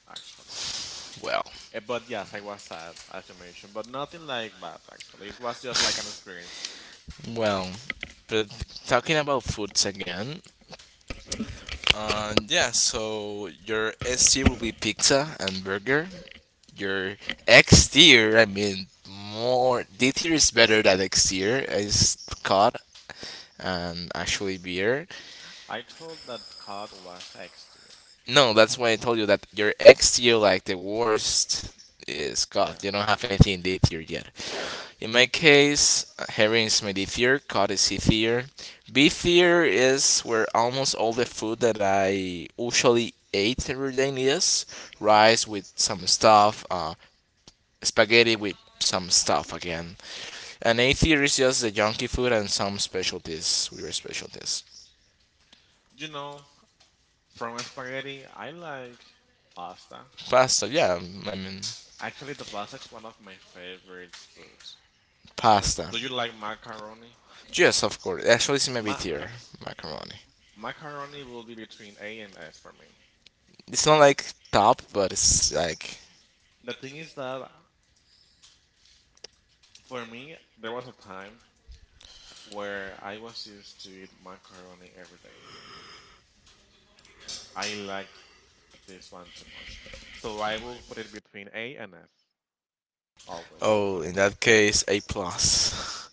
Speaker 2: actually.
Speaker 1: well,
Speaker 2: But yes, I was sad, as you mentioned, but nothing like bad, actually. It was just like an experience.
Speaker 1: well. But talking about foods again, yeah. So your ST will be pizza and burger. Your X tier. I mean, more D tier is better than X tier. Is COD and actually beer.
Speaker 2: I told that cod was X tier.
Speaker 1: No, that's why I
Speaker 2: Okay.
Speaker 1: told you that your X tier, like the worst, is
Speaker 2: Yeah.
Speaker 1: COD. You don't have anything D tier yet. In my case, herring is my D tier, cod is C tier. B tier is where almost all the food that I usually ate every day is rice with some stuff, spaghetti with some stuff again, and A tier is just the junky food and some specialties, weird specialties.
Speaker 2: You know, from spaghetti, I like pasta.
Speaker 1: Pasta, yeah, I mean,
Speaker 2: Actually, the pasta is one of my favorite foods.
Speaker 1: pasta.
Speaker 2: Do you like macaroni?
Speaker 1: Yes, of course. Actually, it's in my B
Speaker 2: Ma
Speaker 1: tier, macaroni.
Speaker 2: Macaroni will be between A and S for me.
Speaker 1: It's not like top, but it's like,
Speaker 2: The thing is that for me, there was a time where I was used to eat macaroni every day. I like this one too much. So I will put it between A and S always.
Speaker 1: oh, in that case, A plus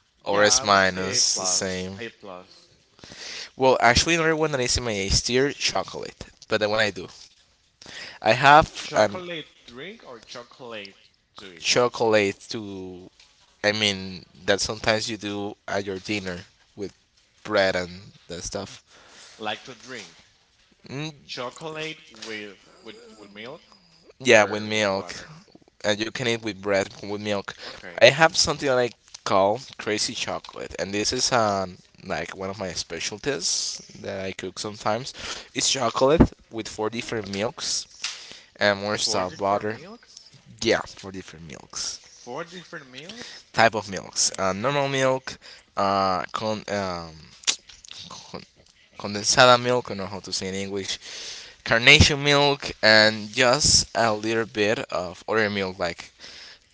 Speaker 1: or
Speaker 2: Yeah,
Speaker 1: S
Speaker 2: I will say A
Speaker 1: minus, the
Speaker 2: plus.
Speaker 1: same.
Speaker 2: A plus.
Speaker 1: Well, actually, another one that is in my A tier, chocolate. But then when I do, I have an
Speaker 2: Chocolate drink or chocolate to eat?
Speaker 1: chocolate to, I mean, that sometimes you do at your dinner with bread and that stuff.
Speaker 2: Like to drink.
Speaker 1: Mm,
Speaker 2: Chocolate with with milk
Speaker 1: yeah, with
Speaker 2: or with
Speaker 1: milk.
Speaker 2: water.
Speaker 1: And you can eat with bread with milk. I
Speaker 2: Okay.
Speaker 1: have something that I like call crazy chocolate, and this is like one of my specialties that I cook sometimes. It's chocolate with four different milks and more
Speaker 2: Four
Speaker 1: stuff
Speaker 2: different
Speaker 1: butter.
Speaker 2: milks?
Speaker 1: Yeah, four different milks.
Speaker 2: Four different meals?
Speaker 1: Type of milks. Normal milk, uh, con um, con condensada milk, I don't know how to say in English, carnation milk, and just a little bit of other milk like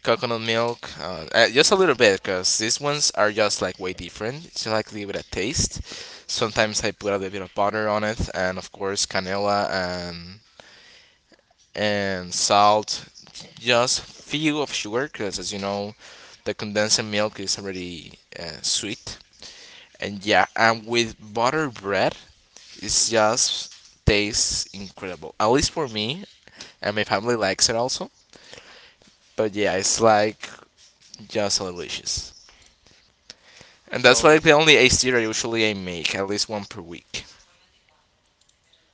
Speaker 1: coconut milk. Just a little bit because these ones are just like way different. So like leave it a taste. Sometimes I put a little bit of butter on it, and of course canela and salt. Just few of sugar because as you know, the condensed milk is already sweet. And yeah, and with butter bread, it's just tastes incredible. At least for me, and my family likes it also. But yeah, it's like just delicious. And that's
Speaker 2: So
Speaker 1: like
Speaker 2: if
Speaker 1: the only exterior usually I make, at least one per week.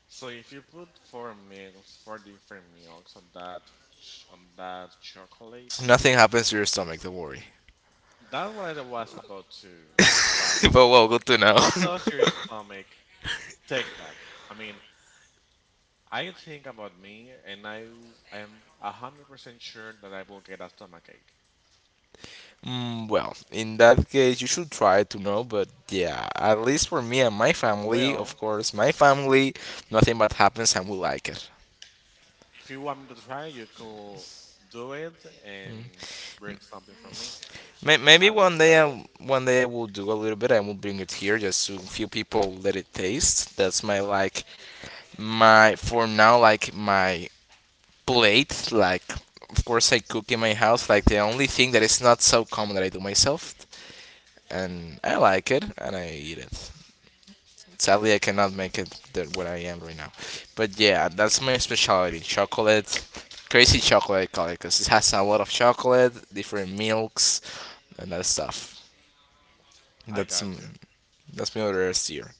Speaker 2: so if you put four meals, four different meals on that on that chocolate,
Speaker 1: Nothing happens to your stomach, don't worry.
Speaker 2: that's what I was about to like.
Speaker 1: but well, good to know.
Speaker 2: How does your stomach take that? I mean, I think about me, and I am 100% sure that I will get a stomach ache.
Speaker 1: Mm, well, in that case, you should try to know, but yeah, at least for me and my family, of
Speaker 2: Well,
Speaker 1: course, my family, nothing bad happens and we like it.
Speaker 2: if you want me to try, you could do it and bring something for me.
Speaker 1: Maybe
Speaker 2: I will try it.
Speaker 1: one day I will do a little bit. I will bring it here just so few people let it taste. That's my like my for now like my plate. Like of course I cook in my house. Like the only thing that is not so common that I do myself, and I like it and I eat it. Sadly, I cannot make it that what I am right now. But yeah, that's my specialty: chocolate, crazy chocolate color, because it has a lot of chocolate, different milks, and that stuff.
Speaker 2: I
Speaker 1: That's
Speaker 2: got you.
Speaker 1: that's my other S tier.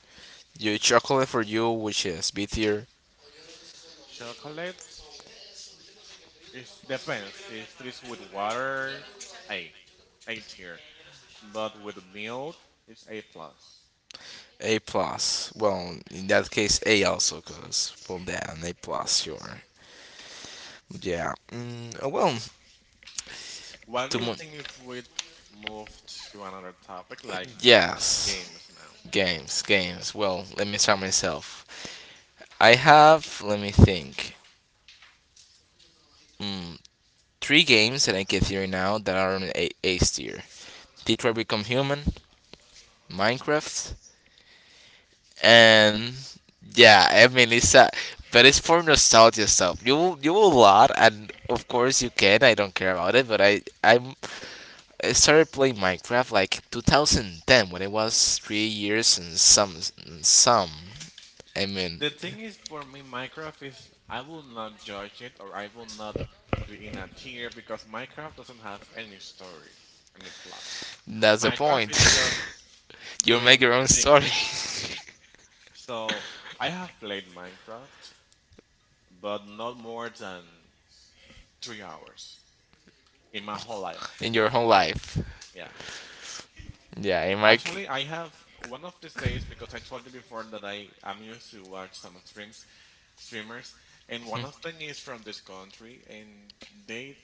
Speaker 1: Your chocolate for you, which is B tier,
Speaker 2: Chocolate. It depends. If it is with water, A, A tier. But with milk, it's A plus.
Speaker 1: A plus. Well, in that case, A also, because well, that an A plus, sure. Yeah. Oh, well,
Speaker 2: What do
Speaker 1: to
Speaker 2: you
Speaker 1: mo-
Speaker 2: think if we move to another topic like
Speaker 1: yes.
Speaker 2: games now?
Speaker 1: Games, games. Well, let me start myself. I have, let me think, mm, three games that I can theory now that are on A tier. Detroit Become Human, Minecraft, and yeah, I mean it's but it's for nostalgia stuff. You will lot, and of course you can. I don't care about it, but I started playing Minecraft like 2010 when it was three years and some Amen.
Speaker 2: The thing is, for me, Minecraft is I will not judge it or I will not put it in a tier because Minecraft doesn't have any story, any plot.
Speaker 1: That's the
Speaker 2: Minecraft
Speaker 1: Minecraft
Speaker 2: is just
Speaker 1: is you make
Speaker 2: doing
Speaker 1: your own
Speaker 2: things.
Speaker 1: story
Speaker 2: So I have played Minecraft, but not more than 3 hours in my whole life.
Speaker 1: in your own life.
Speaker 2: Yeah.
Speaker 1: Yeah, in my
Speaker 2: Actually, I have one of these days because I told you before that I am used to watch some streams streamers, and one of them is from this country, and they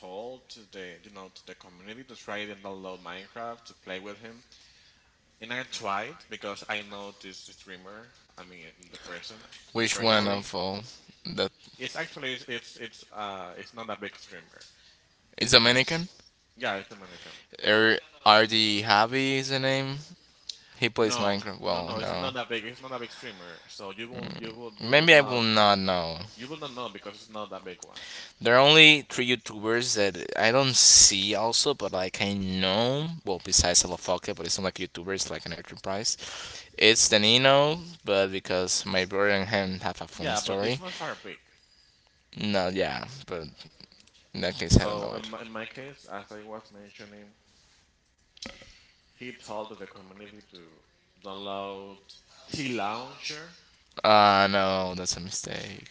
Speaker 2: told to the community to try it and download Minecraft to play with him. And I tried because I know this streamer. I mean, the person
Speaker 1: Which one
Speaker 2: personally.
Speaker 1: of all? That
Speaker 2: It's actually it's not a big streamer.
Speaker 1: is Dominican?
Speaker 2: Yeah, it's a mannequin.
Speaker 1: Er, RD Javi is the name. He plays
Speaker 2: No,
Speaker 1: Minecraft.
Speaker 2: no,
Speaker 1: Well,
Speaker 2: no, it's
Speaker 1: no.
Speaker 2: not that big. It's not a big streamer. So you will you will
Speaker 1: Maybe I will not know.
Speaker 2: you will not know because it's not that big one.
Speaker 1: There are only three YouTubers that I don't see also, but like I know. Well, besides Alafoca, but it's not like YouTuber, it's like an enterprise. It's Danino, but because my brother and him have a funny
Speaker 2: Yeah, but these
Speaker 1: story.
Speaker 2: ones are big.
Speaker 1: No, yeah, but in that case, I don't
Speaker 2: So
Speaker 1: know
Speaker 2: in
Speaker 1: it.
Speaker 2: my, in my case, as I was mentioning, he told the community to download T Launcher.
Speaker 1: No, that's a mistake.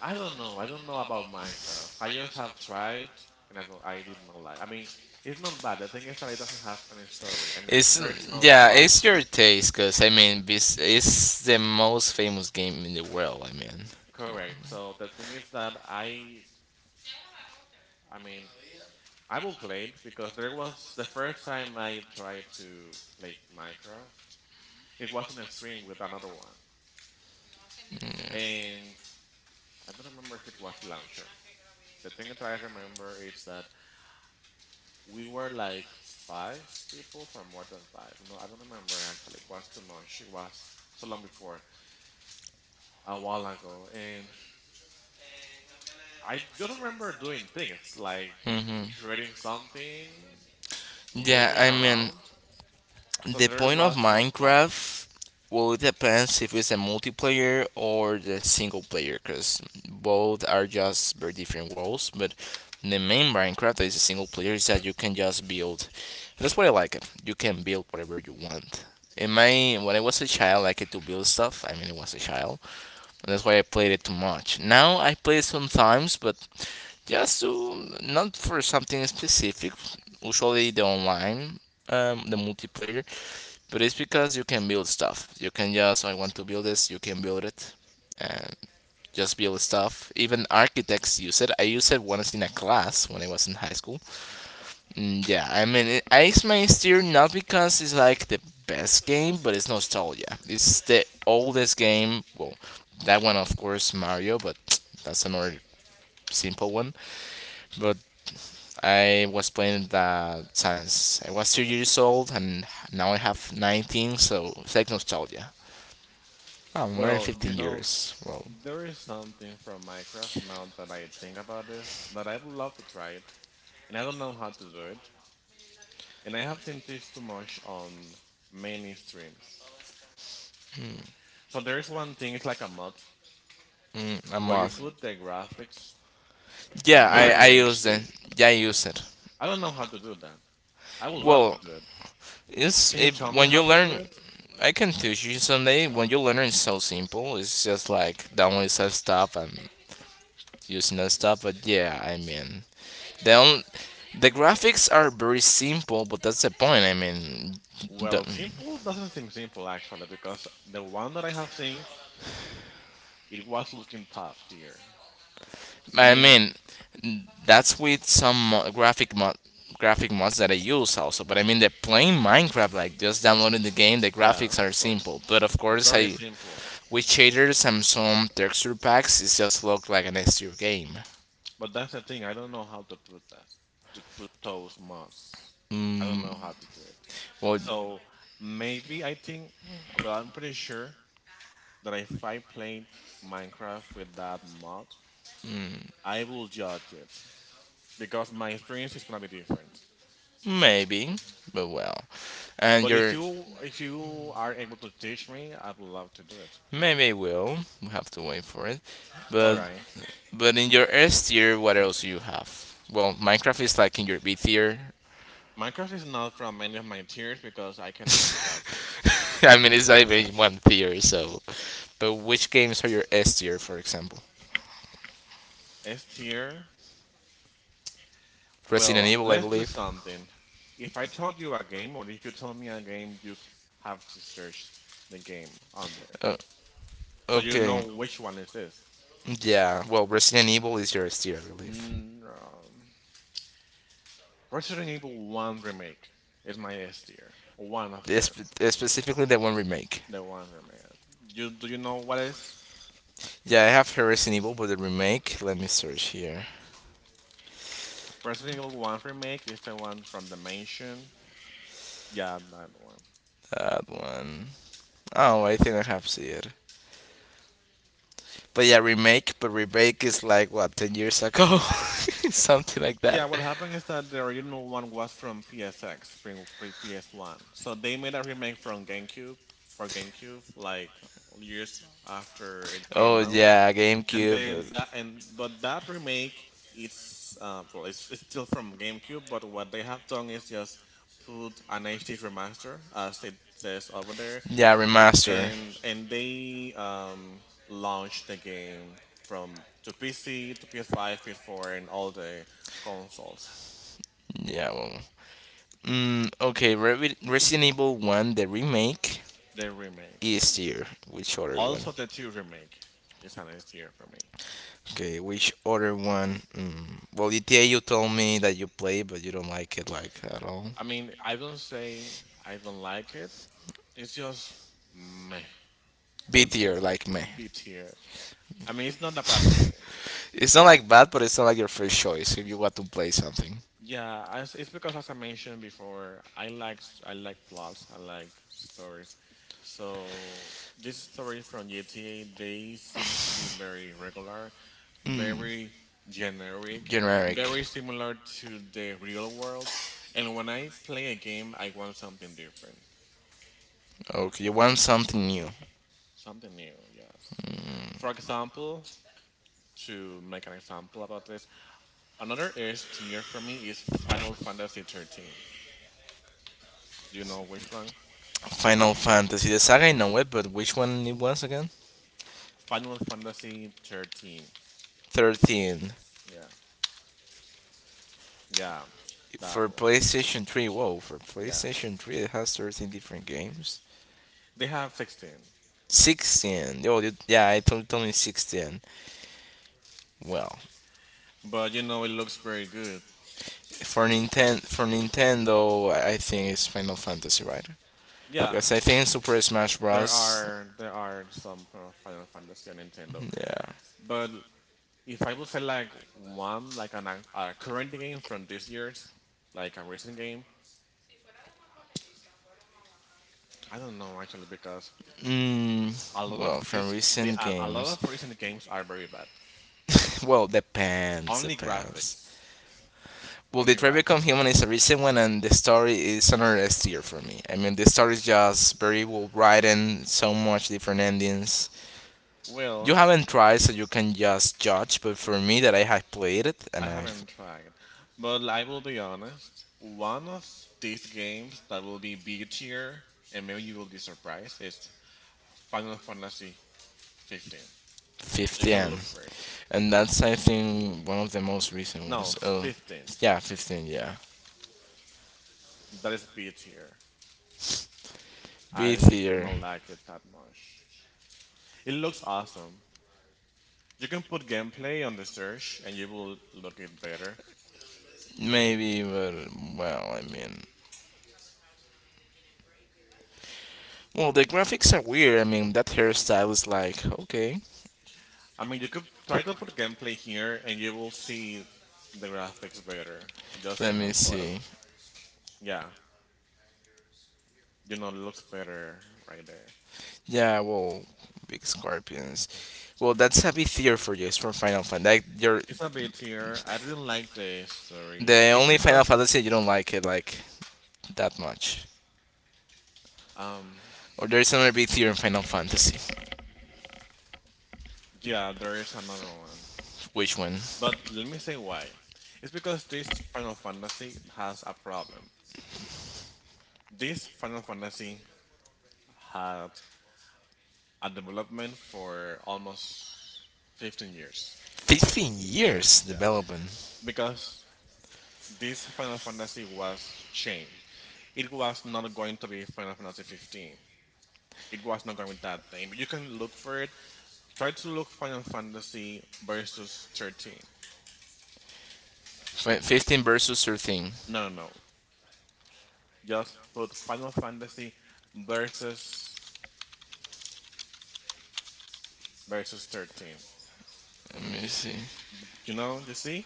Speaker 2: I don't know. I don't know about Minecraft. I just have tried, and I did not like. I mean, it's not bad. The thing is that it doesn't have any story, and
Speaker 1: It's
Speaker 2: there is no
Speaker 1: yeah,
Speaker 2: plot. Yeah.
Speaker 1: it's your taste, cause I mean, this it's the most famous game in the world. I mean,
Speaker 2: Correct. So the thing is that I mean, I will play it because there was the first time I tried to play Minecraft. It was on a stream with another one, and I don't remember if it was the launcher, the thing that I remember is that we were like five people or more than five. No, I don't remember actually. It was too much. It was so long before, a while ago. And I just remember doing things like
Speaker 1: hmm
Speaker 2: creating something,
Speaker 1: yeah,
Speaker 2: moving
Speaker 1: I mean,
Speaker 2: around. So
Speaker 1: the
Speaker 2: there
Speaker 1: point of
Speaker 2: was no plot.
Speaker 1: Minecraft, well, it depends if it's a multiplayer or the single player, because both are just very different worlds. But the main Minecraft that is a single player is that you can just build. That's why I like it. You can build whatever you want. In my when I was a child, I liked to build stuff. I mean, it was a child, and that's why I played it too much. Now I play it sometimes, but just to not for something specific. Usually the online, the multiplayer but it's because you can build stuff. You can just, I want to build this, you can build it. And just build stuff. Even architects use it. I used it once in a class when I was in high school. Mm, yeah, I mean, it, Ice Main Steer not because it's like the best game, but it's nostalgia. It's the oldest game. Well, that one, of course, Mario, but that's another simple one. But I was playing that since I was two years old, and now I have 19, so it's like nostalgia. Oh, more than
Speaker 2: Well,
Speaker 1: 15 years. Well,
Speaker 2: there is something from Minecraft now that I think about this that I would love to try it. And I don't know how to do it. And I have seen this too much on many streams. So there is one thing, it's like a mod
Speaker 1: a
Speaker 2: where you
Speaker 1: month.
Speaker 2: put the graphics
Speaker 1: Yeah, I
Speaker 2: very
Speaker 1: use it.
Speaker 2: HD.
Speaker 1: Yeah, I use it.
Speaker 2: I don't know how to do that. I would love to
Speaker 1: Well,
Speaker 2: do it.
Speaker 1: it's
Speaker 2: Can you
Speaker 1: if
Speaker 2: tell me
Speaker 1: when you
Speaker 2: how to do
Speaker 1: learn,
Speaker 2: it?
Speaker 1: I can teach you someday. When you learn, it's so simple. It's just like downloading some stuff and using that stuff. But yeah, I mean, the on, the graphics are very simple, but that's the point. I mean,
Speaker 2: Well,
Speaker 1: don't,
Speaker 2: simple doesn't seem simple actually because the one that I have seen, it was looking top tier. I
Speaker 1: I
Speaker 2: mean,
Speaker 1: mean, that's with graphic mod graphic mods that I use also. But I mean, they're playing Minecraft, like just downloading the game. The
Speaker 2: yeah,
Speaker 1: graphics are
Speaker 2: of course.
Speaker 1: simple, but of course,
Speaker 2: Very
Speaker 1: I
Speaker 2: simple.
Speaker 1: with shaders and some texture packs, it just look like an S tier game.
Speaker 2: But that's the thing, I don't know how to put that. To put those mods. I don't
Speaker 1: Mm,
Speaker 2: know how to do it.
Speaker 1: well,
Speaker 2: So maybe I think well I'm pretty sure that if I played Minecraft with that mod, I will judge it because my experience is gonna be different.
Speaker 1: maybe, but well, and
Speaker 2: But if
Speaker 1: you're
Speaker 2: you if you are able to teach me, I would love to do it.
Speaker 1: maybe I will. We have to wait for it,
Speaker 2: All
Speaker 1: but
Speaker 2: right,
Speaker 1: but in your S tier, what else do you have? Well, Minecraft is like in your B tier.
Speaker 2: Minecraft is not from any of my tiers because I cannot judge it.
Speaker 1: I mean, it's not even one tier. So, but which games are your S tier, for example?
Speaker 2: S tier.
Speaker 1: Resident
Speaker 2: Well,
Speaker 1: Evil, I
Speaker 2: let's do
Speaker 1: believe.
Speaker 2: something. If I told you a game, or if you tell me a game, have to search the game on there,
Speaker 1: Uh,
Speaker 2: so you know
Speaker 1: okay.
Speaker 2: which one is this.
Speaker 1: Yeah. Well, Resident Evil is your S tier, I believe.
Speaker 2: Mm, um, Resident Evil 1 remake is my S tier. One of
Speaker 1: This,
Speaker 2: them.
Speaker 1: specifically the one remake.
Speaker 2: The one remake. You do you know what is?
Speaker 1: Yeah, I have Resident Evil, but the remake. Let me search here.
Speaker 2: Resident Evil 1 remake is the one from the mansion. Yeah, that one.
Speaker 1: That one. Oh, I think I have seen it. But yeah, remake. But remake is like what ten years ago, something like that.
Speaker 2: Yeah, what happened is that the original one was from PSX, from pre PS1. So they made a remake from GameCube for GameCube like years after it
Speaker 1: Oh
Speaker 2: came out.
Speaker 1: yeah, and
Speaker 2: And
Speaker 1: GameCube.
Speaker 2: then that and but that remake it's well it's still from GameCube, but what they have done is just put an HD remaster as it says over there,
Speaker 1: There. Yeah, remaster.
Speaker 2: and they launched the game from to PC, to PS5, PS4, and all the consoles.
Speaker 1: Yeah. Well, okay, Resident Evil One, the remake
Speaker 2: The remake,
Speaker 1: is here. Which other one? Also,
Speaker 2: also the two remake, is an S tier for me.
Speaker 1: okay, which other one? Mm. Well, GTA you told me that you play, but you don't like it like at all.
Speaker 2: I mean, I don't say I don't like it. It's just meh,
Speaker 1: B tier, like me.
Speaker 2: B tier. I mean, it's not a bad game.
Speaker 1: It's not like bad, but it's not like your first choice if you want to play something
Speaker 2: It's because as I mentioned before, I like plots, I like stories. So these stories from GTA, they seem to be very regular, very generic,
Speaker 1: generic.
Speaker 2: very similar to the real world. And when I play a game, I want something different,
Speaker 1: Okay, you want something new.
Speaker 2: something new. Yes. For example, to make an example about this, another S tier for me is Final Fantasy 13. Do you know which one?
Speaker 1: Final Fantasy. The saga I know it, but which one it was again?
Speaker 2: Final Fantasy 13.
Speaker 1: 13.
Speaker 2: Yeah. Yeah, that
Speaker 1: For
Speaker 2: one.
Speaker 1: PlayStation 3, whoa, for
Speaker 2: Yeah.
Speaker 1: PlayStation 3 it has 13 different games.
Speaker 2: They have 16.
Speaker 1: 16. Oh, you-
Speaker 2: Yeah.
Speaker 1: yeah, I told me 16. Well,
Speaker 2: But you know it looks very good.
Speaker 1: for Nintendo, I think it's Final Fantasy, right?
Speaker 2: Yeah.
Speaker 1: Because I think Super Smash
Speaker 2: There
Speaker 1: Bros.
Speaker 2: are there are some Final Fantasy on Nintendo.
Speaker 1: Yeah.
Speaker 2: But if I would say like one like a current game from this year's, like a recent game, I don't know actually because a
Speaker 1: Mm,
Speaker 2: lot of
Speaker 1: well,
Speaker 2: this
Speaker 1: from recent
Speaker 2: a lot
Speaker 1: games.
Speaker 2: of recent games are very bad.
Speaker 1: Well, depends,
Speaker 2: Only
Speaker 1: depends.
Speaker 2: graphics.
Speaker 1: Well,
Speaker 2: Only
Speaker 1: Detroit Become
Speaker 2: graphics.
Speaker 1: Human is a recent one, and the story is another S tier for me. I mean, the story is just very well written, so much different endings. You
Speaker 2: Well,
Speaker 1: haven't tried, so you can just judge, but for me, that I have played it,
Speaker 2: I
Speaker 1: and I have
Speaker 2: haven't tried, but I will be honest. One of these games that will be B tier, and maybe you will be surprised, is Final Fantasy 15. You can
Speaker 1: 15.
Speaker 2: look for it.
Speaker 1: And that's I think one of the most recent
Speaker 2: No,
Speaker 1: ones. Oh,
Speaker 2: 15.
Speaker 1: yeah, 15. Yeah,
Speaker 2: That is B tier. I did
Speaker 1: beefier,
Speaker 2: not like it that much. It looks awesome. You can put gameplay on the search, and you will look it better.
Speaker 1: maybe, but well, I mean, well, the graphics are weird. I mean, that hairstyle is like okay.
Speaker 2: I mean, you could try to put gameplay here, and you will see the graphics better. Just
Speaker 1: Let
Speaker 2: in a
Speaker 1: me
Speaker 2: photo.
Speaker 1: see.
Speaker 2: Yeah. You know, looks better right there.
Speaker 1: Yeah, well, big scorpions. Well, that's a bit theory for you. It's from Final Fantasy. Like, you're
Speaker 2: It's a bit here. I didn't like the story.
Speaker 1: the
Speaker 2: It's
Speaker 1: only Final
Speaker 2: because
Speaker 1: Fantasy you don't like it like that much.
Speaker 2: um
Speaker 1: Or there's another big theory in Final Fantasy.
Speaker 2: yeah, there is another one.
Speaker 1: Which one?
Speaker 2: But let me say why. It's because this Final Fantasy has a problem. This Final Fantasy had a development for almost 15 years.
Speaker 1: 15 years
Speaker 2: Yes.
Speaker 1: development.
Speaker 2: Because this Final Fantasy was changed. It was not going to be Final Fantasy 15. It was not going with that name. You can look for it. Try to look Final Fantasy versus 13.
Speaker 1: 15 versus 13.
Speaker 2: No, no, no. Just put Final Fantasy versus 13.
Speaker 1: Let me see.
Speaker 2: You know, you see?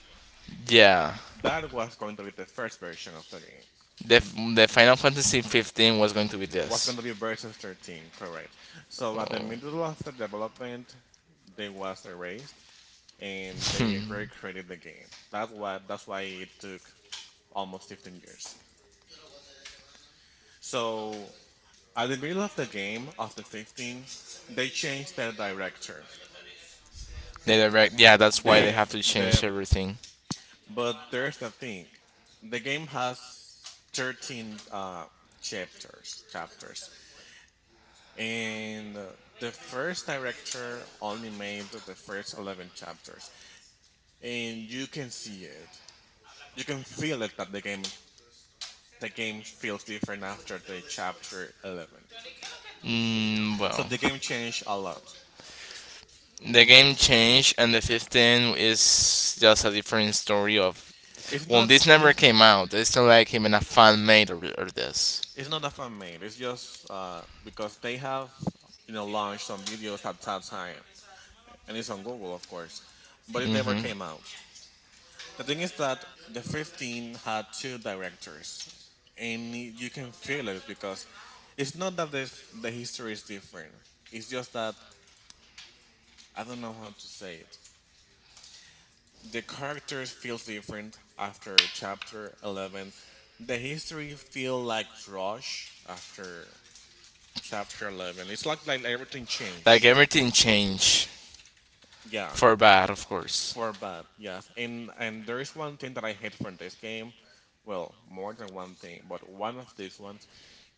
Speaker 1: Yeah.
Speaker 2: That was going to be the first version of the game.
Speaker 1: The, the Final Fantasy 15 was going to be
Speaker 2: Was going
Speaker 1: this.
Speaker 2: to be versus 13, correct. So at the middle
Speaker 1: Oh.
Speaker 2: of the development, they was erased and they recreated the game. That's why it took almost 15 years. So at the middle of the game, after 15, they changed the director.
Speaker 1: They direct, yeah, that's why they
Speaker 2: The
Speaker 1: have to
Speaker 2: the
Speaker 1: change everything.
Speaker 2: But there's the thing. The game has 13 chapters and the first director only made the first 11 chapters and you can see it, you can feel it, that the game feels different after the chapter 11.
Speaker 1: Mm,
Speaker 2: So
Speaker 1: well,
Speaker 2: the game changed a lot.
Speaker 1: the game changed, and the 15 is just a different story of.
Speaker 2: It's
Speaker 1: Well,
Speaker 2: not,
Speaker 1: this never
Speaker 2: it's,
Speaker 1: came out. It's not like even a fan made or this.
Speaker 2: it's not a fan made, it's just because they have, you know, launched some videos at that time, and it's on Google, of course, but it never came out. The thing is that the 15 had two directors, and you can feel it because it's not that the history is different. It's just that I don't know how to say it. The characters feels different after chapter 11. The history feel like rush after chapter 11. It's like everything
Speaker 1: Like
Speaker 2: changed.
Speaker 1: everything changed. Yeah,
Speaker 2: Yeah,
Speaker 1: for bad, of course.
Speaker 2: for bad, yes. And there is one thing that I hate from this game. Well, more than one thing, but one of these ones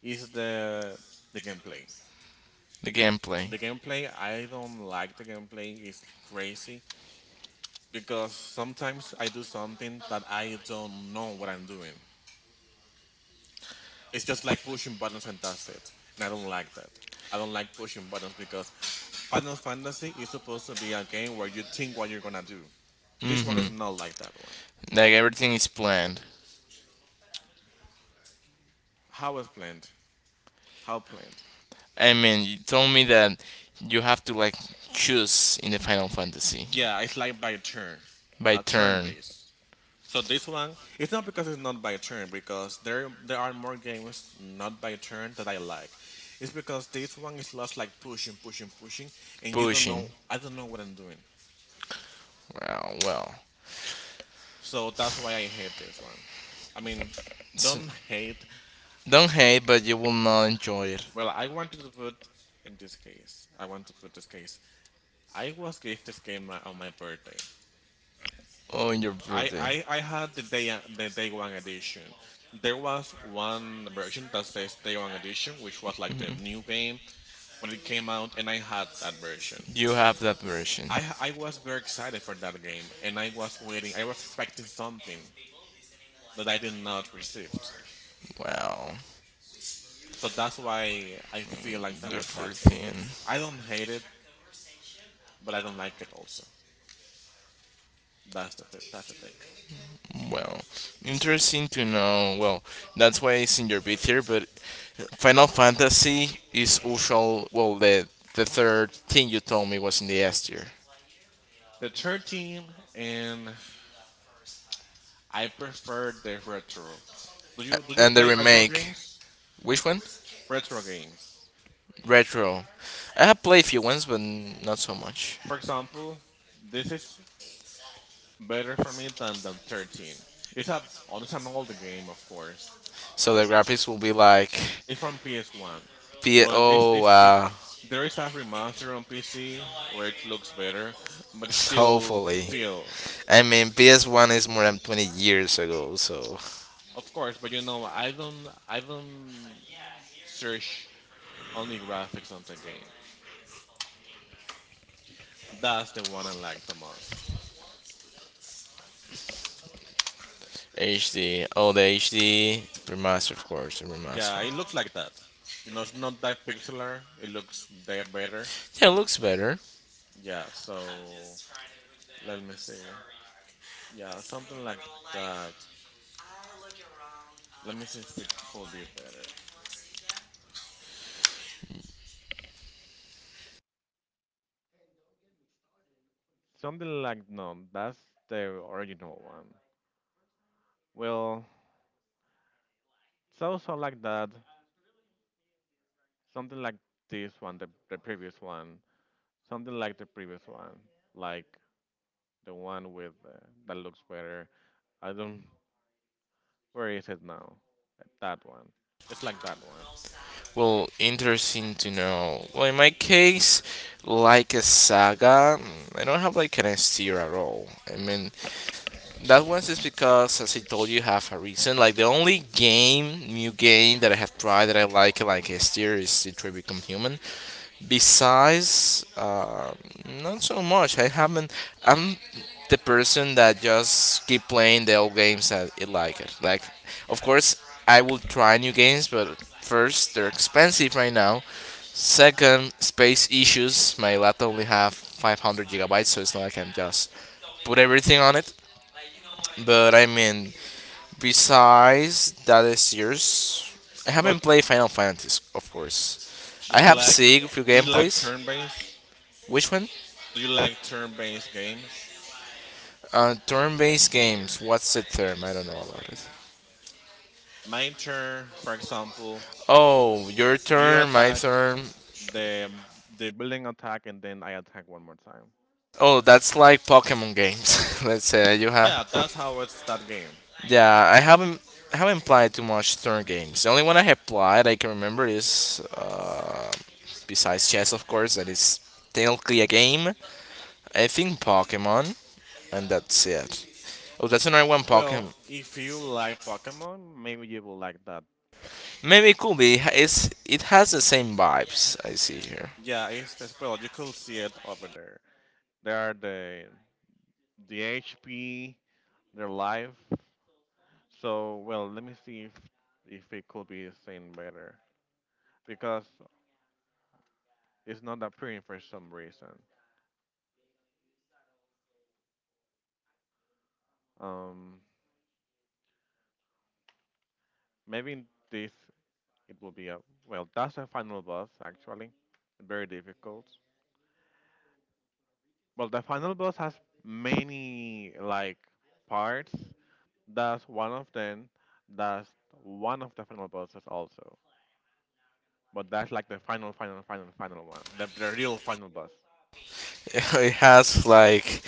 Speaker 2: is the gameplay.
Speaker 1: The gameplay,
Speaker 2: The gameplay, I don't like the gameplay. It's crazy because sometimes I do something that I don't know what I'm doing. It's just like pushing buttons and that's it. And I don't like that. I don't like pushing buttons because Final Fantasy is supposed to be a game where you think what you're gonna do. This one is not like that one.
Speaker 1: like everything is planned.
Speaker 2: How is planned? How planned?
Speaker 1: I mean, you told me that you have to like choose in the Final Fantasy
Speaker 2: Yeah, it's like by turn,
Speaker 1: by
Speaker 2: a turn
Speaker 1: turn.
Speaker 2: base. So this one, it's not, because it's not by turn, because there are more games not by turn that I like. It's because this one is lots like pushing, pushing, pushing, and you don't
Speaker 1: Pushing.
Speaker 2: know. I don't know what I'm doing.
Speaker 1: Well, well.
Speaker 2: So that's why I hate this one. I mean,
Speaker 1: You so,
Speaker 2: don't hate.
Speaker 1: don't hate, but you will not enjoy it.
Speaker 2: Well, I wanted to put in this case. I want to put this case. I was gifted this game on my birthday.
Speaker 1: Oh, in your
Speaker 2: I,
Speaker 1: I,
Speaker 2: I, I had the day one edition. There was one version that says day one edition, which was like the new game when it came out, and I had that version.
Speaker 1: you have that version.
Speaker 2: I was very excited for that game, and I was waiting. I was expecting something that I did not receive.
Speaker 1: Wow.
Speaker 2: So that's why I feel like that with that game.
Speaker 1: 14.
Speaker 2: I don't hate it, but I don't like it also. That's the thing.
Speaker 1: Well, interesting to know. Well, that's why it's in your bit here, but Final Fantasy is usual. Well, the third thing you told me was in the S tier,
Speaker 2: The 13, and I prefer the retro. Do
Speaker 1: a-
Speaker 2: you do you
Speaker 1: and the
Speaker 2: play retro
Speaker 1: remake.
Speaker 2: games?
Speaker 1: Which one?
Speaker 2: Retro game.
Speaker 1: Retro. I have played a few ones, but not so much.
Speaker 2: For example, this is better for me than the 13. It's a, oh, it's an older game, of course.
Speaker 1: So the graphics will be like
Speaker 2: It's from PS1,
Speaker 1: P-
Speaker 2: but this
Speaker 1: oh
Speaker 2: is it.
Speaker 1: wow.
Speaker 2: There is a remaster on PC where it looks better, but it still
Speaker 1: Hopefully.
Speaker 2: feel.
Speaker 1: I mean, PS1 is more than 20 years ago, so.
Speaker 2: Of course, but you know, I don't search only graphics on the game. That's the one I like the most.
Speaker 1: HD. Oh, the HD remaster, of course,
Speaker 2: Yeah,
Speaker 1: remaster.
Speaker 2: it looks like that. You know, it's not that pixelar. It looks that better.
Speaker 1: Yeah, it looks better.
Speaker 2: Yeah, so let me see. Yeah, something like that. Let me see if it could be better. Something like, no, that's the original one. Well, so so like that. Something like this one, the previous one. Something like the previous one, like the one with that looks better. I don't. Where is it now? That one. It's like that one.
Speaker 1: Well, interesting to know. Well, in my case, like a saga, I don't have like an S tier at all. I mean, that one is because, as I told you, have a reason. Like the only game, new game that I have tried that I like Estier, is Detroit Become Human. Besides, not so much. I haven't. I'm the person that just keep playing the old games that I like it. Like, of course, I will try new games, but first, they're expensive right now. Second, space issues. My laptop only have 500 gigabytes, so it's not like I'm just put everything on it but I mean, besides that is yours. I
Speaker 2: But
Speaker 1: haven't played Final Fantasy, of course.
Speaker 2: do
Speaker 1: I
Speaker 2: you
Speaker 1: have
Speaker 2: like
Speaker 1: seen a few
Speaker 2: do you like
Speaker 1: gameplays.
Speaker 2: turn-based?
Speaker 1: Which one?
Speaker 2: Do you like turn-based games?
Speaker 1: Turn-based games. What's the term? I don't know about it.
Speaker 2: Mine turn, for example,
Speaker 1: Oh, your
Speaker 2: you
Speaker 1: turn, my
Speaker 2: attack
Speaker 1: turn.
Speaker 2: the the building attack, and then I attack one more time.
Speaker 1: Oh, that's like Pokemon games. Let's say that you have.
Speaker 2: Yeah, that's how it's that game.
Speaker 1: Yeah, I haven't played too much turn games. The only one I have played I can remember is besides chess, of course, that is technically a game. I think Pokemon. And that's it. Oh, that's another one
Speaker 2: Well,
Speaker 1: Pokemon.
Speaker 2: if you like Pokemon, maybe you will like that.
Speaker 1: Maybe it could be. It's it has the same vibes I see here.
Speaker 2: Yeah, it's the spell. You could see it over there. There are the HP, their life. So well, let me see if it could be seen better because it's not appearing for some reason. Um, maybe this, it will be a, well, that's the final boss actually. Very difficult. Well, the final boss has many like parts. That's one of them. That's one of the final bosses also. But that's like the final, final, final, final one. The real final boss.
Speaker 1: It has like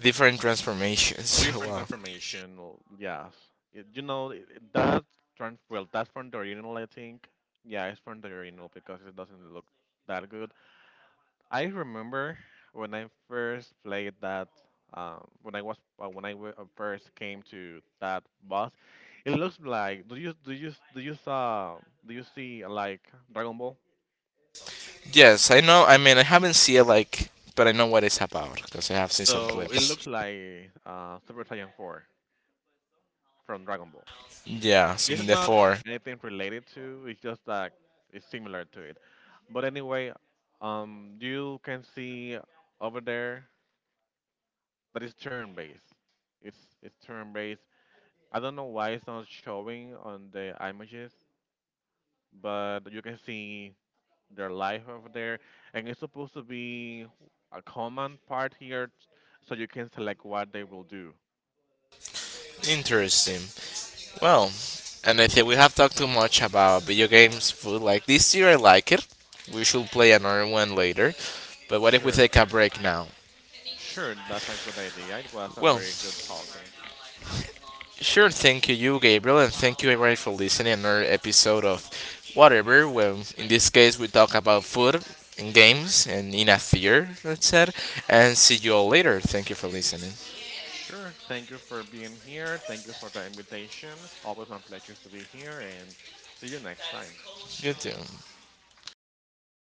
Speaker 1: different transformations.
Speaker 2: Different
Speaker 1: Wow.
Speaker 2: information. Well, yes. It, you know it, that trans, well, that's from the original, I think. Yeah, it's from the original because it doesn't look that good. I remember when I first played that. When I was when first came to that boss, it looks like, do you do you do you saw do you see like Dragon Ball?
Speaker 1: Yes, I know. I mean, I haven't seen it like, but I know what it's about because I have seen some
Speaker 2: So it
Speaker 1: clips.
Speaker 2: looks like Super Saiyan 4 from Dragon Ball.
Speaker 1: Yeah, so
Speaker 2: This is not
Speaker 1: therefore,
Speaker 2: anything related to. It's just that it's similar to it. But anyway, you can see
Speaker 1: interesting. Well, and I think we have talked too much about video games, food. Like this year, I like it. We should play another one later. But what if we take a break now? Well, sure, thank you, Gabriel, and thank you, everybody, for listening to another episode of Whatever. Well, in this case, we talk about food and games and in a theater, that said. And see you all later. Thank you for listening. You too.